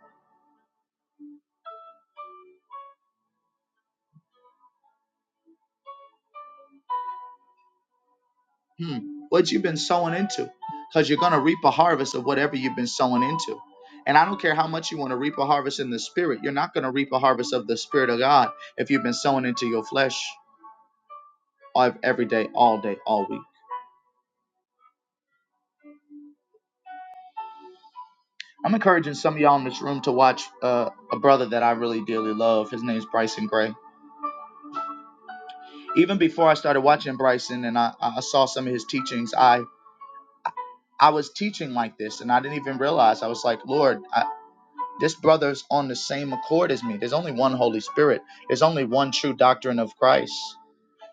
[SPEAKER 1] hmm what you've been sowing into because you're going to reap a harvest of whatever you've been sowing into and i don't care how much you want to reap a harvest in the spirit you're not going to reap a harvest of the spirit of god if you've been sowing into your flesh every day all day all week I'm encouraging some of y'all in this room to watch uh, a brother that I really dearly love. His name is Bryson Gray. Even before I started watching Bryson and I, I saw some of his teachings, I I was teaching like this and I didn't even realize. I was like, Lord, I, this brother's on the same accord as me. There's only one Holy Spirit. There's only one true doctrine of Christ.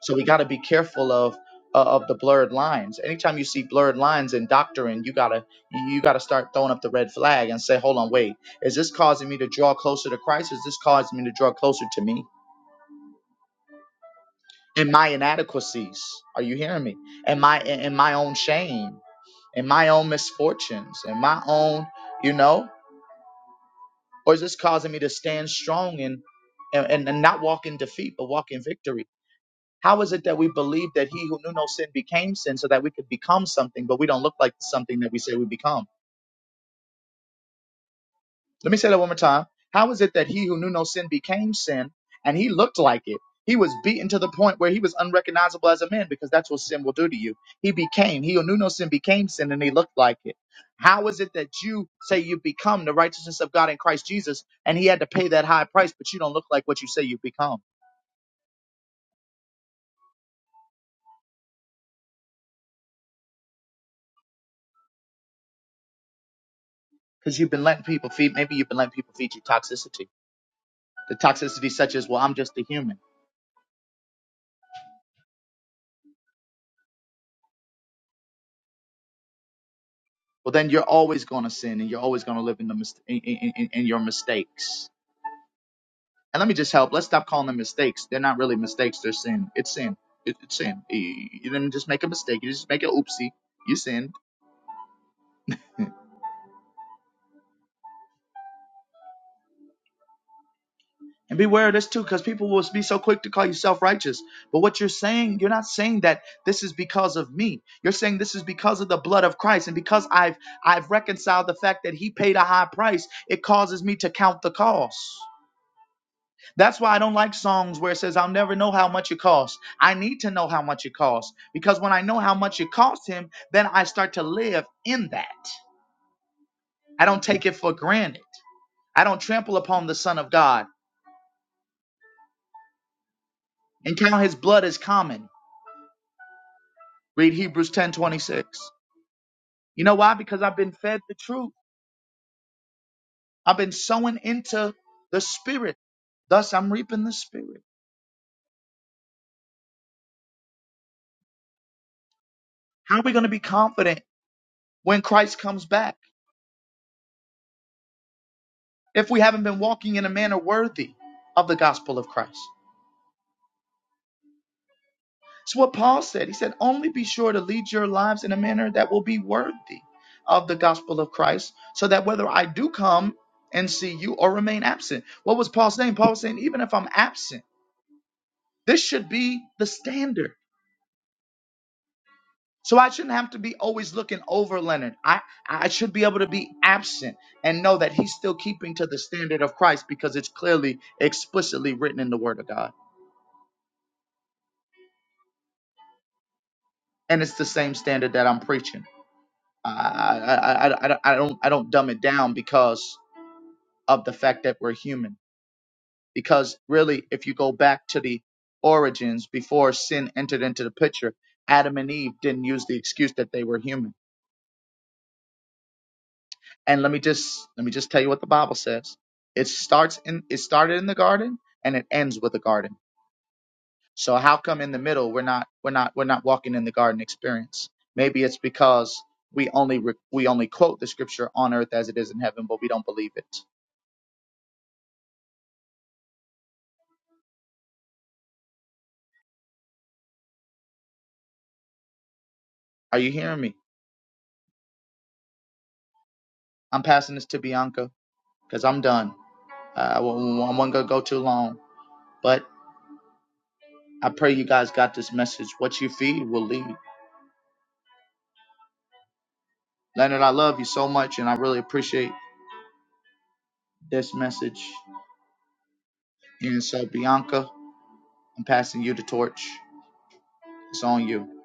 [SPEAKER 1] So we got to be careful of uh, of the blurred lines. Anytime you see blurred lines in doctrine, you gotta you gotta start throwing up the red flag and say, hold on, wait, is this causing me to draw closer to Christ? Is this causing me to draw closer to me? And my inadequacies, are you hearing me? And my and my own shame, and my own misfortunes, and my own, you know, or is this causing me to stand strong and and, and not walk in defeat, but walk in victory? How is it that we believe that he who knew no sin became sin so that we could become something, but we don't look like something that we say we become? Let me say that one more time. How is it that he who knew no sin became sin and he looked like it? He was beaten to the point where he was unrecognizable as a man because that's what sin will do to you. He became, he who knew no sin became sin and he looked like it. How is it that you say you become the righteousness of God in Christ Jesus and he had to pay that high price, but you don't look like what you say you become? Because you've been letting people feed, maybe you've been letting people feed you toxicity The toxicity such as, well, I'm just a human. Well, then you're always going to sin and you're always going to live in the mis- in, in, in in your mistakes. And let me just help. Let's stop calling them mistakes. They're not really mistakes. They're sin. It's sin. It, it's sin. You you didn't just make a mistake. You just make an oopsie. You sinned. And beware of this too, because people will be so quick to call you self-righteous. But what you're saying, you're not saying that this is because of me. You're saying this is because of the blood of Christ, and because I've I've reconciled the fact that He paid a high price. It causes me to count the cost. That's why I don't like songs where it says, I'll never know how much it costs. I need to know how much it costs because when I know how much it costs him, then I start to live in that. I don't take it for granted. I don't trample upon the Son of God and count his blood as common. Read Hebrews 10:26. You know why? Because I've been fed the truth. I've been sowing into the Spirit. Thus, I'm reaping the Spirit. How are we going to be confident when Christ comes back if we haven't been walking in a manner worthy of the gospel of Christ? It's what Paul said. He said, only be sure to lead your lives in a manner that will be worthy of the gospel of Christ, so that whether I do come and see you or remain absent. What was Paul saying? Paul was saying, even if I'm absent, this should be the standard. So I shouldn't have to be always looking over Leonard. I, I should be able to be absent and know that he's still keeping to the standard of Christ because it's clearly explicitly written in the word of God. And it's the same standard that I'm preaching. I, I, I, I, I don't I don't I don't dumb it down because of the fact that we're human. Because really, if you go back to the origins before sin entered into the picture, Adam and Eve didn't use the excuse that they were human. And let me just let me just tell you what the Bible says. It starts in it started in the garden and it ends with the garden. So how come in the middle we're not we're not we're not walking in the garden experience? Maybe it's because we only re- we only quote the scripture on earth as it is in heaven, but we don't believe it Are you hearing me? I'm passing this to Bianca because I'm done. Uh, I won't, I won't go go too long. But I pray you guys got this message. What you feed will lead. Leonard, I love you so much, and I really appreciate this message. And so, Bianca, I'm passing you the torch. It's on you.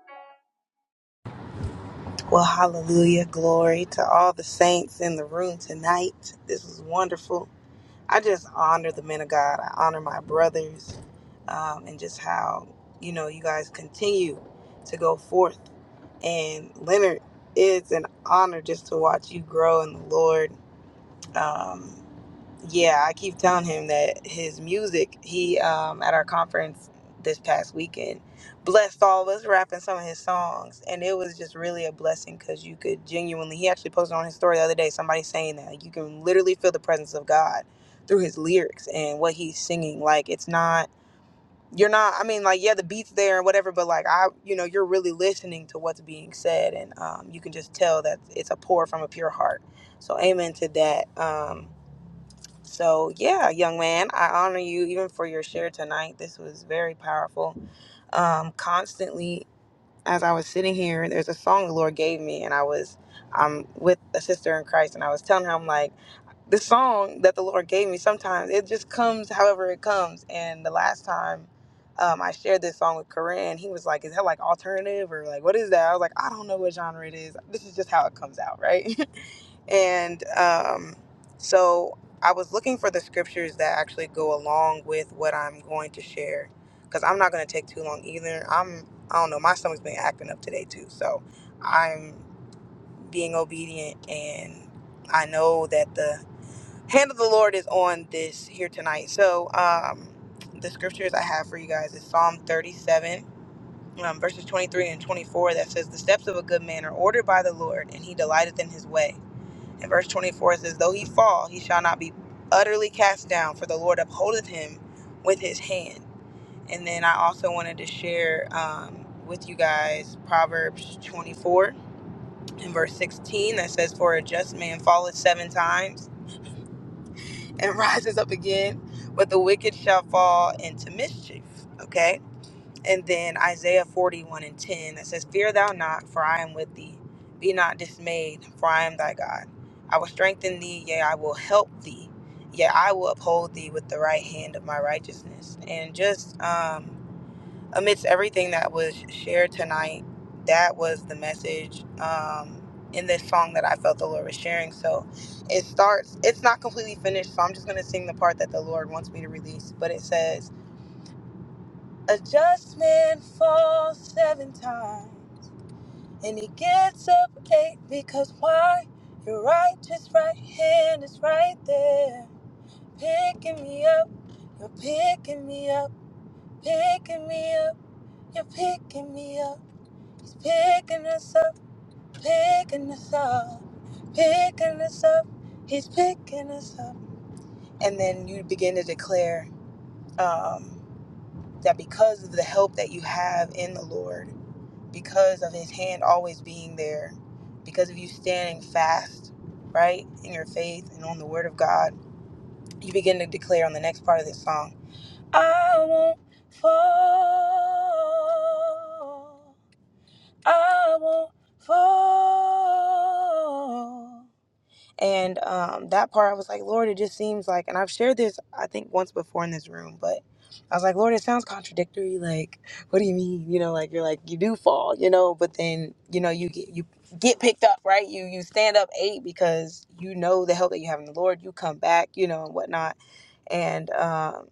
[SPEAKER 3] Well, hallelujah, glory to all the saints in the room tonight. This was wonderful. I just honor the men of God. I honor my brothers, um, and just how you know you guys continue to go forth. And Leonard, it's an honor just to watch you grow in the Lord Um, yeah, I keep telling him that his music, he um at our conference this past weekend, blessed all of us rapping some of his songs. And it was just really a blessing because you could genuinely he actually posted on his story the other day, somebody saying that. Like you can literally feel the presence of God through his lyrics and what he's singing. Like it's not you're not I mean like yeah the beats there and whatever but like I you know you're really listening to what's being said and um, you can just tell that it's a pour from a pure heart so amen to that um, so, yeah, young man, I honor you even for your share tonight. This was very powerful. Um, constantly, as I was sitting here, there's a song the Lord gave me, and I was, I'm with a sister in Christ, and I was telling her, I'm like, the song that the Lord gave me, sometimes it just comes however it comes. And the last time um, I shared this song with Corinne, he was like, Is that like alternative or like what is that? I was like, I don't know what genre it is. This is just how it comes out, right? [laughs] and um, so I was looking for the scriptures that actually go along with what I'm going to share because I'm not going to take too long either. I'm, I don't know, my stomach's been acting up today too. So I'm being obedient and I know that the hand of the Lord is on this here tonight. So, um, the scriptures I have for you guys is Psalm 37, um, verses 23 and 24 that says, The steps of a good man are ordered by the Lord, and he delighteth in his way. And verse 24 says, Though he fall, he shall not be utterly cast down, for the Lord upholdeth him with his hand. And then I also wanted to share um, with you guys Proverbs 24 and verse 16 that says, For a just man falleth seven times and [laughs] rises up again, but the wicked shall fall into mischief. Okay? And then Isaiah 41 and 10 that says, Fear thou not, for I am with thee. Be not dismayed, for I am thy God. I will strengthen thee, yea, I will help thee, yea, I will uphold thee with the right hand of my righteousness. And just um amidst everything that was shared tonight, that was the message um, in this song that I felt the Lord was sharing. So it starts, it's not completely finished, so I'm just going to sing the part that the Lord wants me to release. But it says, A just man falls seven times, and he gets up eight because why? Your righteous right hand is right there, picking me up. You're picking me up, picking me up, you're picking me up. He's picking us up, picking us up, picking us up. He's picking us up. And then you begin to declare um, that because of the help that you have in the Lord, because of his hand always being there, because of you standing fast, right, in your faith and on the word of God, you begin to declare on the next part of this song, I won't fall. I won't fall. And um, that part, I was like, Lord, it just seems like, and I've shared this, I think, once before in this room, but I was like, Lord, it sounds contradictory. Like, what do you mean? You know, like you're like you do fall, you know, but then you know you get you get picked up, right? You you stand up eight because you know the help that you have in the Lord. You come back, you know, and whatnot and um,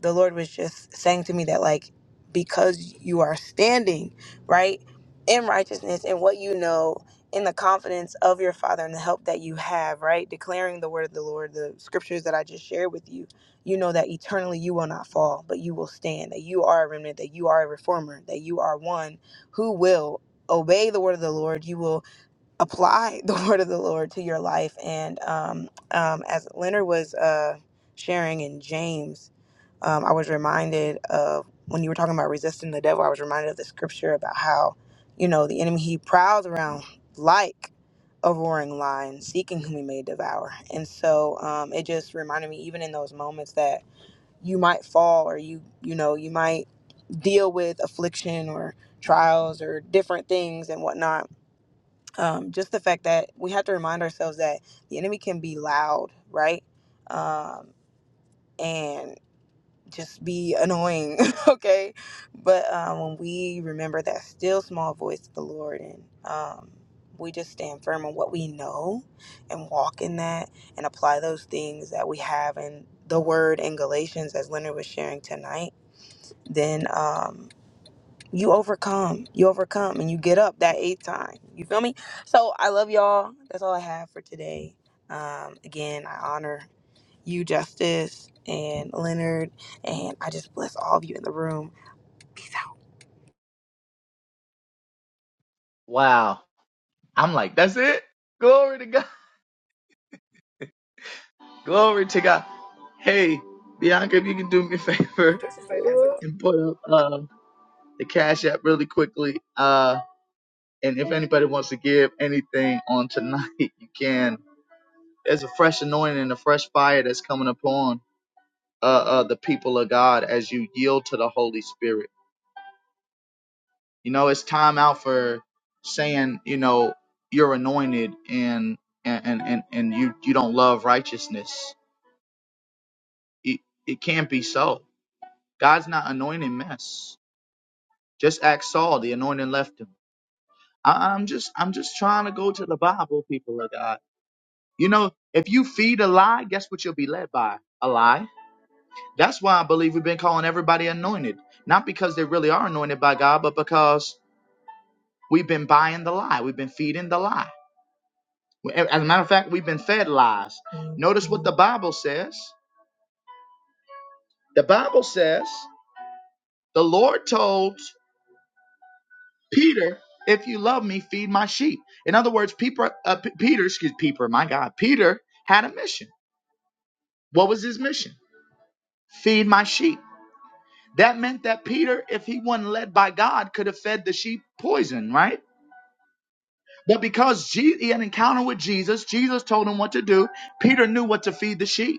[SPEAKER 3] the lord was just saying to me that like because you are standing right in righteousness and what you know in the confidence of your father and the help that you have right declaring the word of the lord the scriptures that i just shared with you you know that eternally you will not fall but you will stand that you are a remnant that you are a reformer that you are one who will obey the word of the lord you will apply [laughs] the word of the Lord to your life. And um, um, as Leonard was uh, sharing in James, um, I was reminded of when you were talking about resisting the devil, I was reminded of the scripture about how, you know, the enemy he prowls around like a roaring lion, seeking whom he may devour. And so um, it just reminded me, even in those moments, that you might fall or you, you know, you might deal with affliction or trials or different things and whatnot um, just the fact that we have to remind ourselves that the enemy can be loud, right? Um, and just be annoying, [laughs] okay? But um, when we remember that still small voice of the Lord and um, we just stand firm on what we know and walk in that and apply those things that we have in the word in Galatians, as Leonard was sharing tonight, then. Um, you overcome you overcome and you get up that eighth time you feel me so i love y'all that's all i have for today um again i honor you justice and leonard and i just bless all of you in the room
[SPEAKER 1] Wow. I'm like, that's it? Glory to God. [laughs] Glory to God. Hey, Bianca, if you can do me a [laughs] favor
[SPEAKER 3] This is it.
[SPEAKER 1] and put up uh, the Cash App really quickly. Uh, And if anybody wants to give anything on tonight, [laughs] you can. There's a fresh anointing and a fresh fire that's coming upon uh, uh, the people of God as you yield to the Holy Spirit. You know, it's time out for saying, you know, you're anointed and and and and, and you you don't love righteousness. It it can't be so. God's not anointing mess. Just ask Saul, the anointing left him. I, I'm just I'm just trying to go to the Bible, people of God. You know, if you feed a lie, guess what you'll be led by? A lie. That's why I believe we've been calling everybody anointed. Not because they really are anointed by God, but because we've been buying the lie. We've been feeding the lie. As a matter of fact, we've been fed lies. Notice what the Bible says. The Bible says, the Lord told Peter, if you love me, feed my sheep. In other words, Peter, uh, P- Peter, excuse Peter, my God, Peter had a mission. What was his mission? Feed my sheep. That meant that Peter, if he wasn't led by God, could have fed the sheep poison, right? But because he had an encounter with Jesus, Jesus told him what to do. Peter knew what to feed the sheep.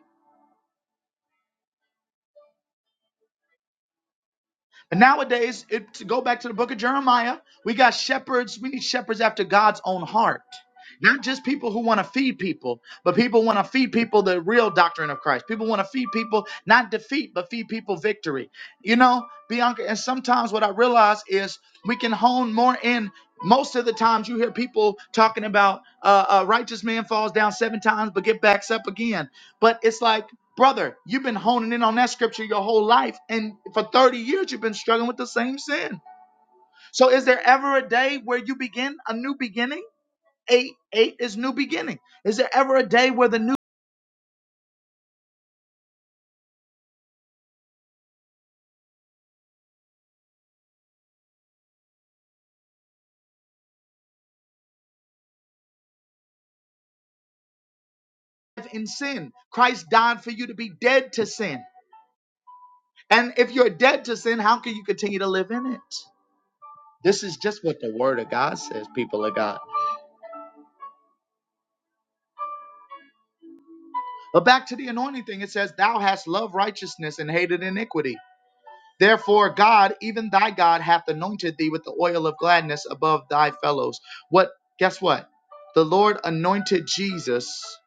[SPEAKER 1] But nowadays, it, to go back to the book of Jeremiah, we got shepherds. We need shepherds after God's own heart. Not just people who want to feed people, but people want to feed people the real doctrine of Christ. People want to feed people not defeat, but feed people victory. You know, Bianca, and sometimes what I realize is we can hone more in. Most of the times you hear people talking about uh, a righteous man falls down seven times but get backs up again. But it's like Brother, you've been honing in on that scripture your whole life, and for 30 years you've been struggling with the same sin. So, is there ever a day where you begin a new beginning? Eight, eight is new beginning. Is there ever a day where the new life in sin? Christ died for you to be dead to sin. And if you're dead to sin, how can you continue to live in it? This is just what the word of God says, people of God. But back to the anointing thing, it says, Thou hast loved righteousness and hated iniquity. Therefore, God, even thy God, hath anointed thee with the oil of gladness above thy fellows. What? Guess what? The Lord anointed Jesus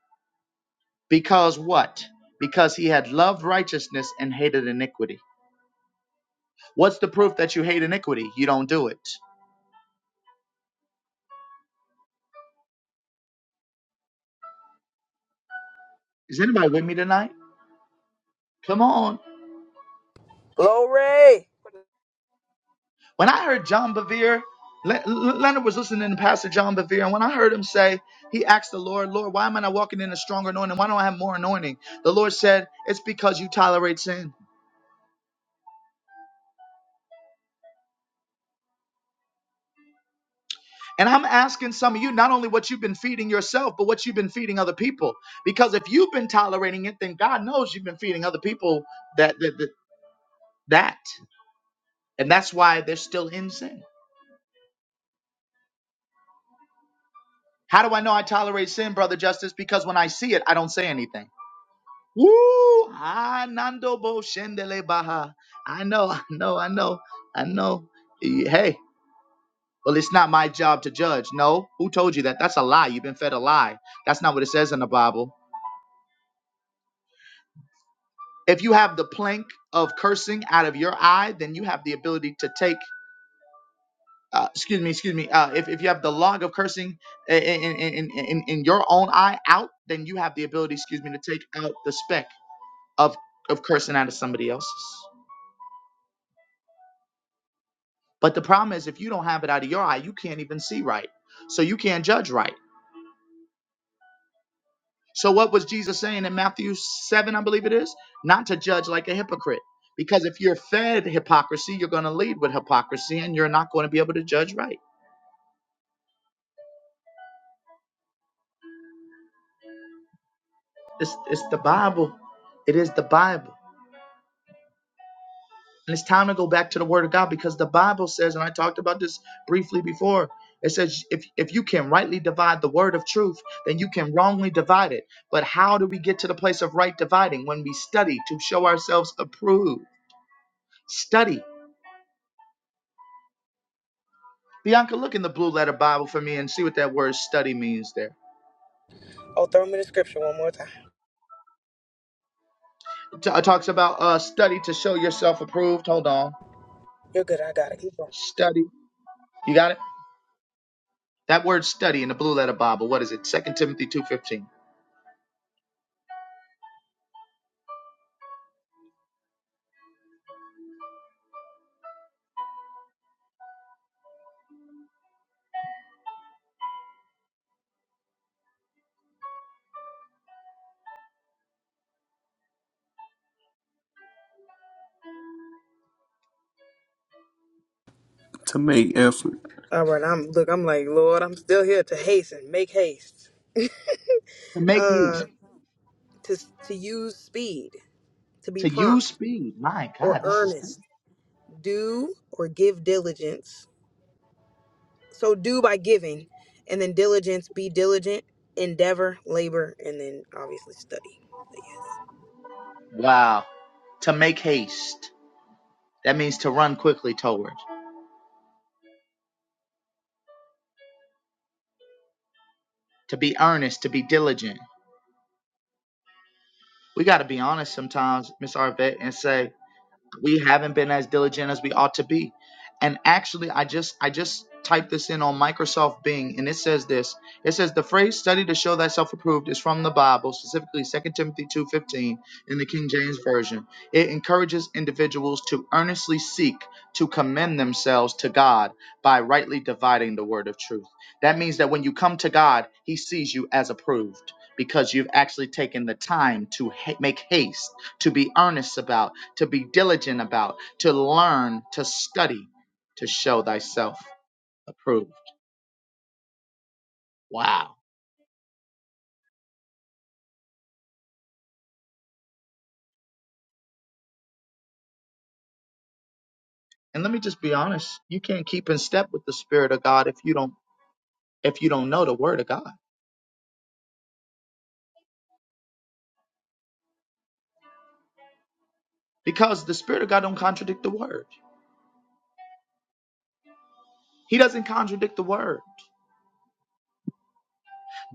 [SPEAKER 1] because what? Because he had loved righteousness and hated iniquity. What's the proof that you hate iniquity? You don't do it. Is anybody with me tonight? Come on.
[SPEAKER 3] glory
[SPEAKER 1] When I heard John Bevere, Le- Le- Leonard was listening to Pastor John Bevere, and when I heard him say, he asked the Lord, Lord, why am I not walking in a stronger anointing? Why don't I have more anointing? The Lord said, It's because you tolerate sin. And I'm asking some of you not only what you've been feeding yourself, but what you've been feeding other people. Because if you've been tolerating it, then God knows you've been feeding other people that that that. that. And that's why they're still in sin. How do I know I tolerate sin, brother Justice? Because when I see it, I don't say anything. Woo! Ah, Nando Bo Shendele Baha. I know, [laughs] I know, I know, I know. Eh, Hey, well, it's not my job to judge. No, who told you that? That's a lie. You've been fed a lie. That's not what it says in the Bible. If you have the plank of cursing out of your eye, then you have the ability to take. Uh, excuse me, excuse me. Uh, if, if you have the log of cursing i- i- in, in, in, in, in your own eye out, then you have the ability, excuse me, to take out the speck of, of cursing out of somebody else's. But the problem is, if you don't have it out of your eye, you can't even see right. So you can't judge right. So what was Jesus saying in Matthew 7, I believe it is? Not to judge like a hypocrite. Because if you're fed hypocrisy, you're going to lead with hypocrisy and you're not going to be able to judge right. It's, it's the Bible. It is the Bible. And it's time to go back to the Word of God because the Bible says, and I talked about this briefly before, it says, if, if you can rightly divide the Word of truth, then you can wrongly divide it. But how do we get to the place of right dividing? When we study to show ourselves approved. Study. Bianca, look in the blue letter Bible for me and see what that word study means there.
[SPEAKER 3] oh throw me the scripture one more time
[SPEAKER 1] It t- it talks about uh, study to show yourself approved. Hold on.
[SPEAKER 3] you're good i got it keep going
[SPEAKER 1] Study. You got it? That word study in the blue letter Bible, what is it? Second Timothy 2.15.
[SPEAKER 2] To make effort.
[SPEAKER 3] all right i'm look i'm like lord i'm still here to hasten make haste
[SPEAKER 1] to make
[SPEAKER 3] uh
[SPEAKER 1] haste,
[SPEAKER 3] to to use speed to be
[SPEAKER 1] to use
[SPEAKER 3] prompt
[SPEAKER 1] speed. My
[SPEAKER 3] or
[SPEAKER 1] God, this is
[SPEAKER 3] earnest
[SPEAKER 1] good.
[SPEAKER 3] do or give diligence So do by giving, and then diligence, be diligent, endeavor, labor, and then obviously study. But yeah.
[SPEAKER 1] Wow. To make haste. That means to run quickly toward, to be earnest, to be diligent. We got to be honest sometimes, Miss Arvette, and say, we haven't been as diligent as we ought to be and actually i just i just typed this in on microsoft bing and it says this it says the phrase study to show thyself approved is from the bible specifically 2 timothy 2.15 in the king james version it encourages individuals to earnestly seek to commend themselves to god by rightly dividing the word of truth that means that when you come to god he sees you as approved because you've actually taken the time to ha- make haste to be earnest about to be diligent about, to learn, to study, to show thyself approved. Wow. And let me just be honest, you can't keep in step with the spirit of God if you don't if you don't know the word of God. Because the spirit of God don't contradict the word. He doesn't contradict the word.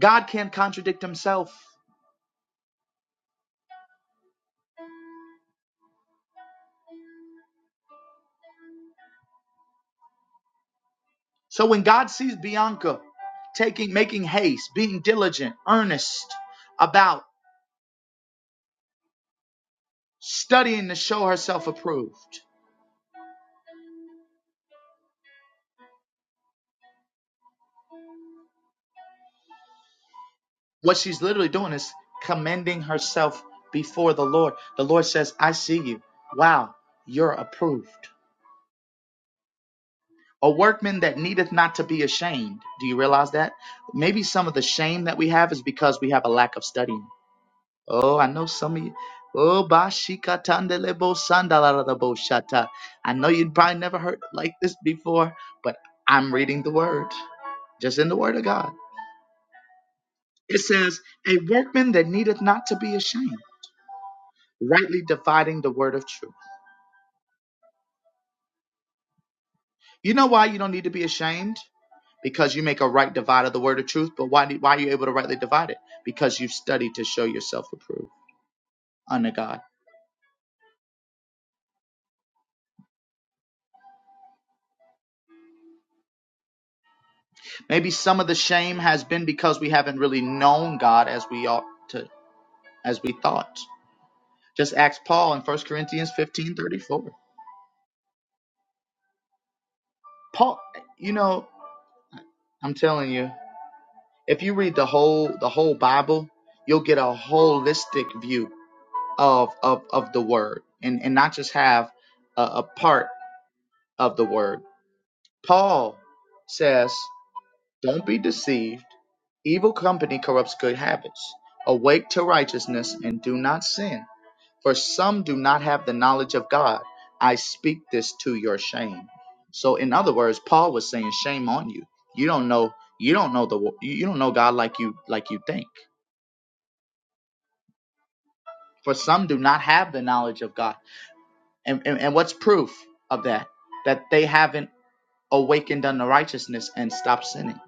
[SPEAKER 1] God can't contradict himself. So when God sees Bianca taking making haste, being diligent, earnest about studying to show herself approved, What she's literally doing is commending herself before the Lord. The Lord says, I see you. Wow, you're approved. A workman that needeth not to be ashamed. Do you realize that? Maybe some of the shame that we have is because we have a lack of studying. Oh, I know some of you. Oh, bashikatandelebo sandalarabo shata. I know you'd probably never heard like this before, but I'm reading the word, just in the word of God. It says, A workman that needeth not to be ashamed. rightly dividing the word of truth. You know why you don't need to be ashamed? Because you make a right divide of the word of truth. But why, do- why are you able to rightly divide it? Because you've studied to show yourself approved unto God. Maybe some of the shame has been because we haven't really known God as we ought to, as we thought. Just ask Paul in First Corinthians fifteen thirty-four. Paul, you know, I'm telling you, if you read the whole the whole Bible, you'll get a holistic view of of, of the word and, and not just have a, a part of the word. Paul says, Don't be deceived. Evil company corrupts good habits. Awake to righteousness and do not sin. For some do not have the knowledge of God. I speak this to your shame. So in other words, Paul was saying, Shame on you. You don't know you don't know the you don't know God like you like you think. For some do not have the knowledge of God. And, and, and what's proof of that? That they haven't awakened unto righteousness and stopped sinning.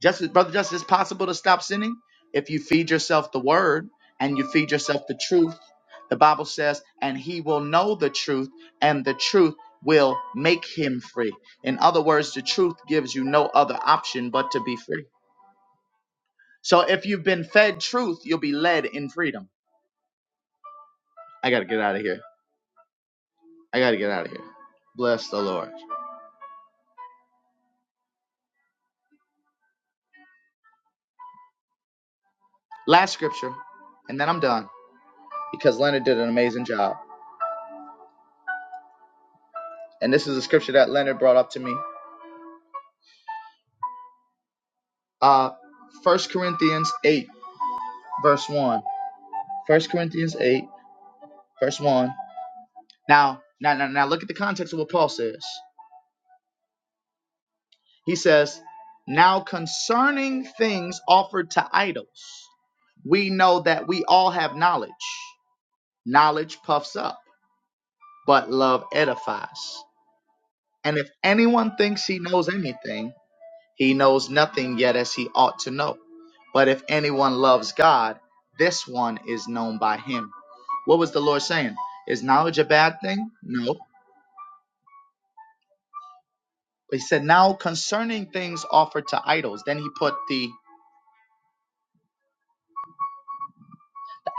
[SPEAKER 1] Just brother, just it's possible to stop sinning if you feed yourself the word and you feed yourself the truth. The Bible says, and he will know the truth, and the truth will make him free. In other words, the truth gives you no other option but to be free. So if you've been fed truth, you'll be led in freedom. I gotta get out of here. I gotta get out of here. Bless the Lord. Last scripture, and then I'm done. because Leonard did an amazing job. And this is a scripture that Leonard brought up to me. Uh, 1 Corinthians 8, verse 1. First Corinthians 8, verse 1. Now, now, now, now look at the context of what Paul says. He says, Now concerning things offered to idols, we know that we all have knowledge. Knowledge puffs up, but love edifies. And if anyone thinks he knows anything, He knows nothing yet as he ought to know. But if anyone loves God, this one is known by him. What was the Lord saying? Is knowledge a bad thing? No. He said, now concerning things offered to idols. Then he put the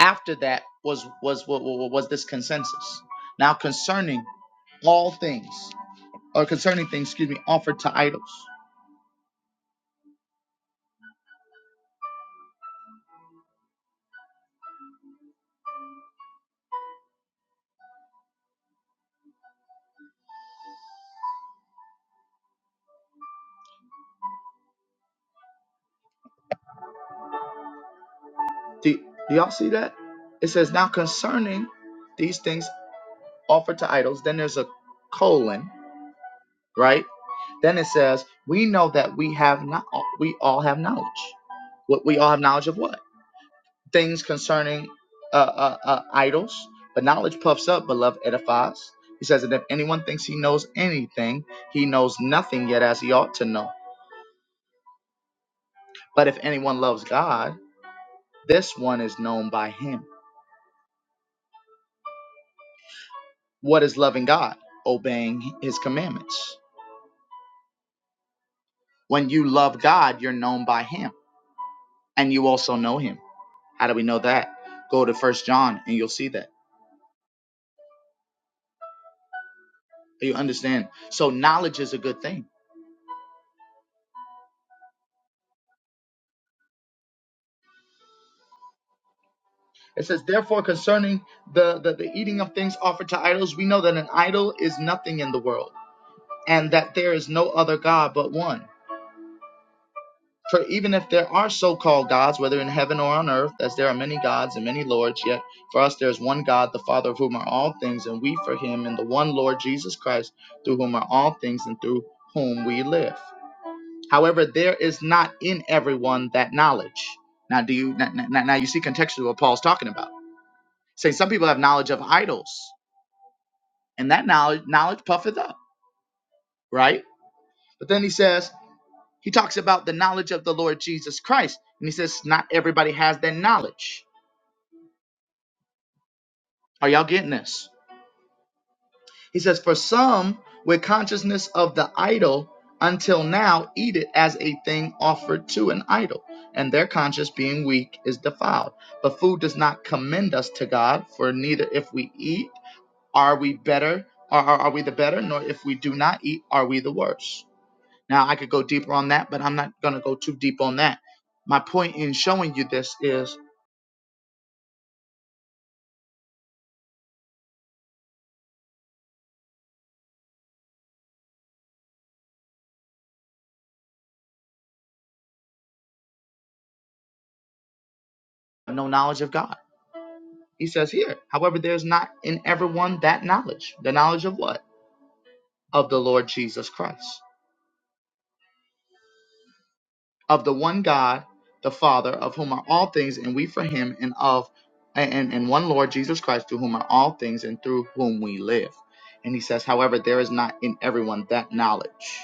[SPEAKER 1] after that was was was, was this consensus. Now concerning all things, or concerning things, excuse me, offered to idols. Do, do y'all see that? It says, now concerning these things offered to idols, then there's a colon, right? Then it says, we know that we have not, we all have knowledge. What we all have knowledge of what? Things concerning uh, uh, uh, idols. But knowledge puffs up, but love edifies. He says that if anyone thinks he knows anything, he knows nothing yet as he ought to know. But if anyone loves God, this one is known by him. What is loving God? Obeying his commandments. When you love God, you're known by him, and you also know him. How do we know that? Go to First John, and you'll see that. You understand? So knowledge is a good thing. It says, therefore, concerning the, the, the eating of things offered to idols, we know that an idol is nothing in the world, and that there is no other God but one. For even if there are so called gods, whether in heaven or on earth, as there are many gods and many lords, yet for us there is one God, the Father of whom are all things, and we for him, and the one Lord Jesus Christ, through whom are all things, and through whom we live. However, there is not in everyone that knowledge. Now, do you now, now now you see contextually what Paul's talking about? Saying some people have knowledge of idols, and that knowledge knowledge puffeth up, right? But then he says he talks about the knowledge of the Lord Jesus Christ, and he says not everybody has that knowledge. Are y'all getting this? He says, For some, with consciousness of the idol, until now eat it as a thing offered to an idol, and their conscience being weak is defiled. But food does not commend us to God, for neither if we eat are we better, are, are are we the better, nor if we do not eat are we the worse. Now, I could go deeper on that, but I'm not going to go too deep on that. My point in showing you this is no knowledge of God. He says here, however, there's not in everyone that knowledge. The knowledge of what? of the Lord Jesus Christ, of the one God, the Father, of whom are all things, and we for him, and of and, and one Lord Jesus Christ, through whom are all things, and through whom we live. And he says, however, there is not in everyone that knowledge.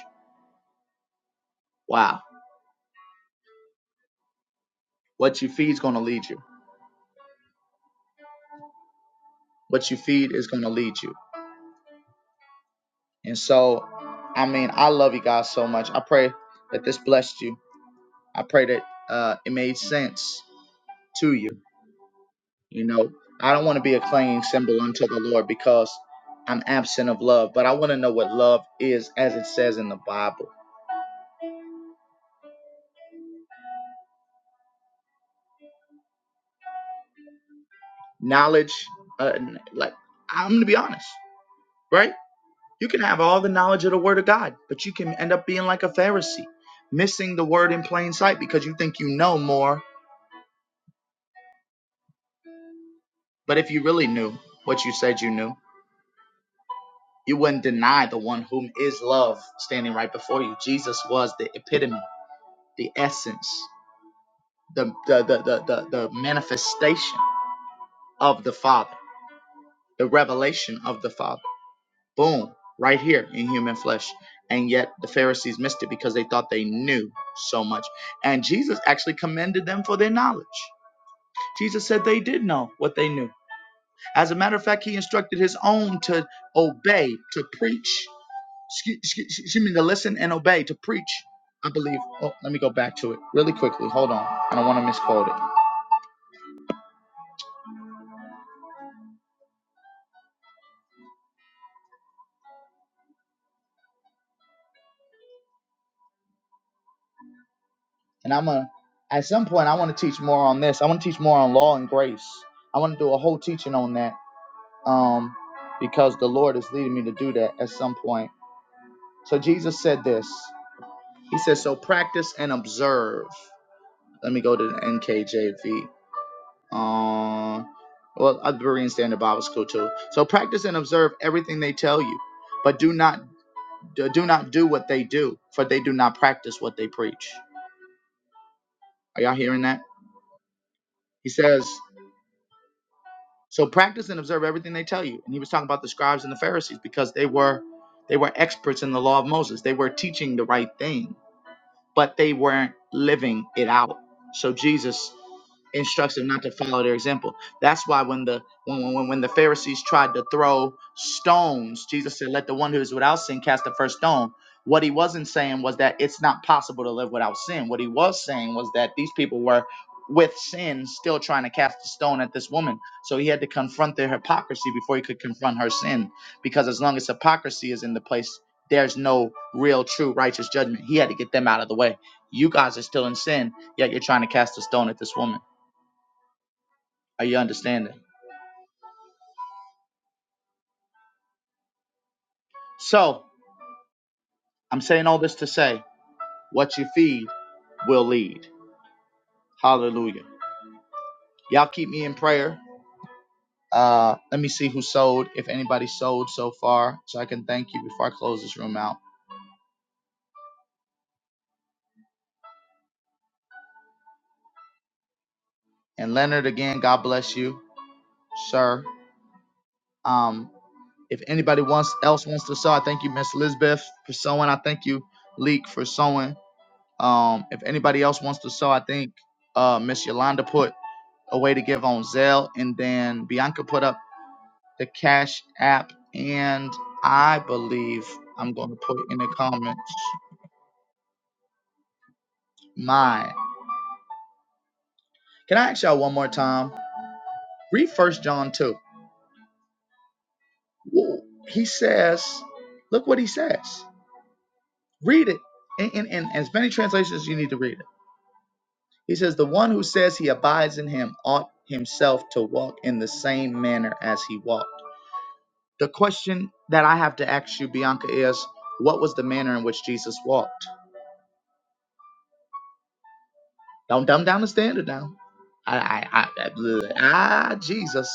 [SPEAKER 1] Wow. What you feed is going to lead you. What you feed is going to lead you. And so, I mean, I love you guys so much. I pray that this blessed you. I pray that uh, it made sense to you You know, I don't want to be a clinging symbol unto the Lord because I'm absent of love, but I want to know what love is as it says in the Bible. Knowledge, uh, like, I'm going to be honest, right? You can have all the knowledge of the Word of God, but you can end up being like a Pharisee, missing the Word in plain sight because you think you know more. But if you really knew what you said you knew, you wouldn't deny the one whom is love standing right before you. Jesus was the epitome, the essence. the the the the, the, the manifestation of the Father, the revelation of the Father. Boom, right here in human flesh. And yet the Pharisees missed it because they thought they knew so much. And Jesus actually commended them for their knowledge. Jesus said they did know what they knew. As a matter of fact, he instructed his own to obey, to preach. Excuse, excuse excuse me, to listen and obey, to preach. I believe. Oh, let me go back to it really quickly. Hold on. I don't want to misquote it. and I'm gonna at some point I want to teach more on this. I want to teach more on law and grace. I want to do a whole teaching on that um, because the Lord is leading me to do that at some point. So Jesus said this. He says, "So practice and observe." Let me go to the NKJV. Um, well, other Berean Standard Bible School too. So practice and observe everything they tell you, but do not do not do what they do, for they do not practice what they preach. Are y'all hearing that? He says. So practice and observe everything they tell you. And he was talking about the scribes and the Pharisees because they were they were experts in the law of Moses. They were teaching the right thing but they weren't living it out. So Jesus instructs them not to follow their example. That's why when the when when, when the Pharisees tried to throw stones, Jesus said, "Let the one who is without sin cast the first stone." What he wasn't saying was that it's not possible to live without sin. What he was saying was that these people were with sin still trying to cast a stone at this woman. So he had to confront their hypocrisy before he could confront her sin because as long as hypocrisy is in the place there's no real, true, righteous judgment. He had to get them out of the way. You guys are still in sin, yet you're trying to cast a stone at this woman. Are you understanding? So, I'm saying all this to say what you feed will lead. Hallelujah. Y'all keep me in prayer. Uh, let me see who sold, if anybody sold so far, so I can thank you before I close this room out. And Leonard, again, God bless you, sir. Um, if anybody wants else wants to sow, I thank you, Miss Elizabeth, for sowing. I thank you, Leek, for sowing. Um, if anybody else wants to sell, I think uh, Miss Yolanda put a way to give on Zelle, and then Bianca put up the Cash App, and I believe I'm going to put in the comments mine. Can I ask y'all one more time? Read First John two. Woo. He says, look what he says. Read it in, in, in as many translations you need to read it. He says, the one who says he abides in him ought himself to walk in the same manner as he walked. The question that I have to ask you, Bianca, is what was the manner in which Jesus walked? Don't dumb down the standard now. I, I, I, I- ah, Jesus.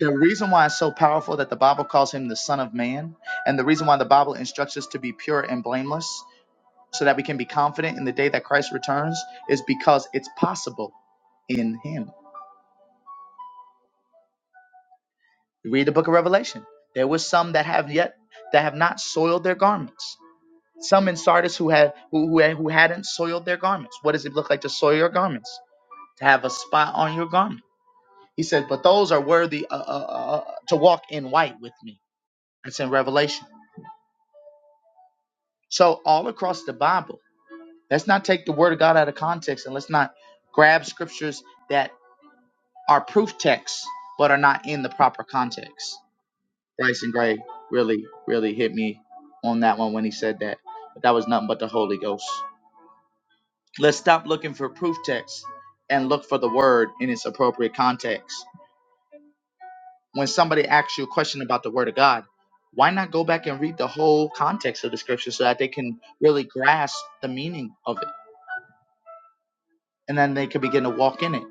[SPEAKER 1] The reason why it's so powerful that the Bible calls him the Son of Man, and the reason why the Bible instructs us to be pure and blameless so that we can be confident in the day that Christ returns, is because it's possible in him. You read the book of Revelation. There were some that have yet, that have not soiled their garments Some in Sardis who had who, who had- who hadn't soiled their garments. What does it look like to soil your garments? To have a spot on your garment. He said, but those are worthy uh, uh, uh, uh, to walk in white with me. That's in Revelation. So all across the Bible, let's not take the word of God out of context and let's not grab scriptures that are proof texts but are not in the proper context. Bryson Gray really, really hit me on that one when he said that. But that was nothing but the Holy Ghost. Let's stop looking for proof texts and look for the word in its appropriate context. When somebody asks you a question about the word of God, why not go back and read the whole context of the scripture so that they can really grasp the meaning of it and then they can begin to walk in it.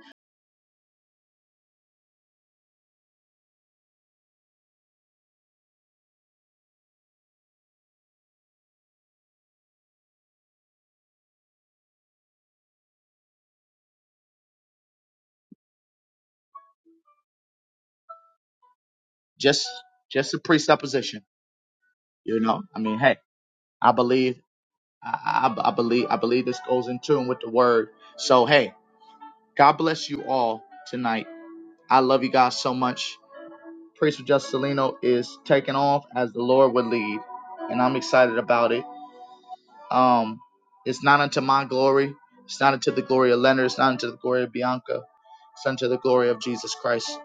[SPEAKER 1] Just just a presupposition, you know? I mean, hey, I believe I, I, I believe I believe this goes in tune with the word. So, hey, God bless you all tonight. I love you guys so much Priest Juscelino is taking off as the Lord would lead, and I'm excited about it. Um, it's not unto my glory. It's not unto the glory of Leonard. It's not unto the glory of Bianca. It's unto the glory of Jesus Christ.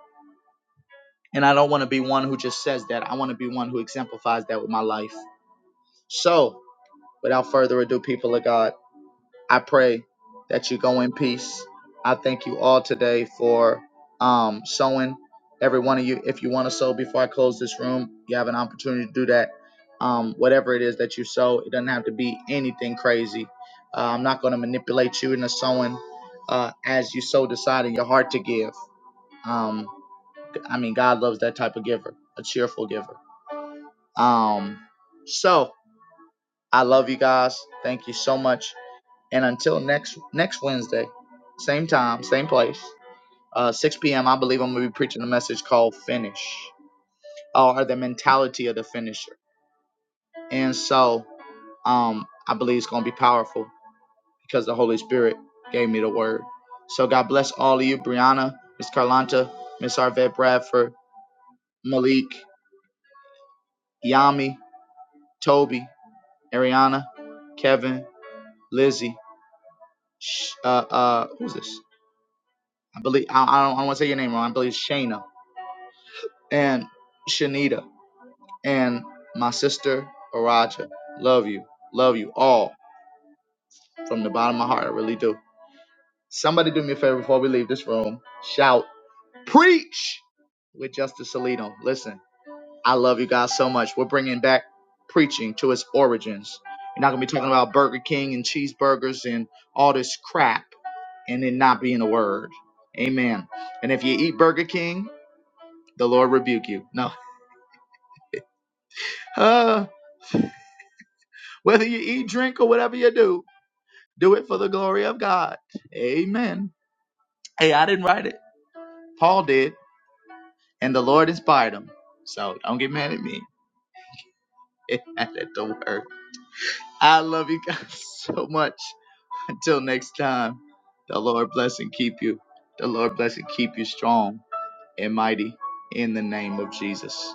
[SPEAKER 1] And I don't want to be one who just says that. I want to be one who exemplifies that with my life. So, without further ado, people of God. I pray that you go in peace. I thank you all today for um, sowing. Every one of you, if you want to sow before I close this room, you have an opportunity to do that. Um, whatever it is that you sow, it doesn't have to be anything crazy. Uh, I'm not going to manipulate you into sowing uh, as you so decide in your heart to give. Um, I mean, God loves that type of giver, a cheerful giver. Um, so I love you guys. Thank you so much and until next next Wednesday, same time, same place, uh, 6 p.m. I believe I'm gonna be preaching a message called "Finish" or the mentality of the finisher. And so, um, I believe it's gonna be powerful because the Holy Spirit gave me the word. So God bless all of you, Brianna, Miss Carlanta, Miss Arvette Bradford, Malik, Yami, Toby, Ariana, Kevin, Lizzie. uh, uh, who's this? I believe I, I don't, I don't want to say your name wrong. I believe Shayna. and Shanita and my sister Araja. Love you. Love you all from the bottom of my heart. I really do. Somebody do me a favor before we leave this room. Shout, preach with Justice Salino. Listen, I love you guys so much. We're bringing back preaching to its origins. You're not going to be talking about Burger King and cheeseburgers and all this crap and it not being a word. Amen. And if you eat Burger King, the Lord rebuke you. No. [laughs] Whether you eat, drink, or whatever you do, do it for the glory of God. Amen. Hey, I didn't write it. Paul did, and the Lord inspired him. So don't get mad at me. [laughs] at the word. I love you guys [laughs] so much. Until next time, the Lord bless and keep you. The Lord bless and keep you strong and mighty in the name of Jesus.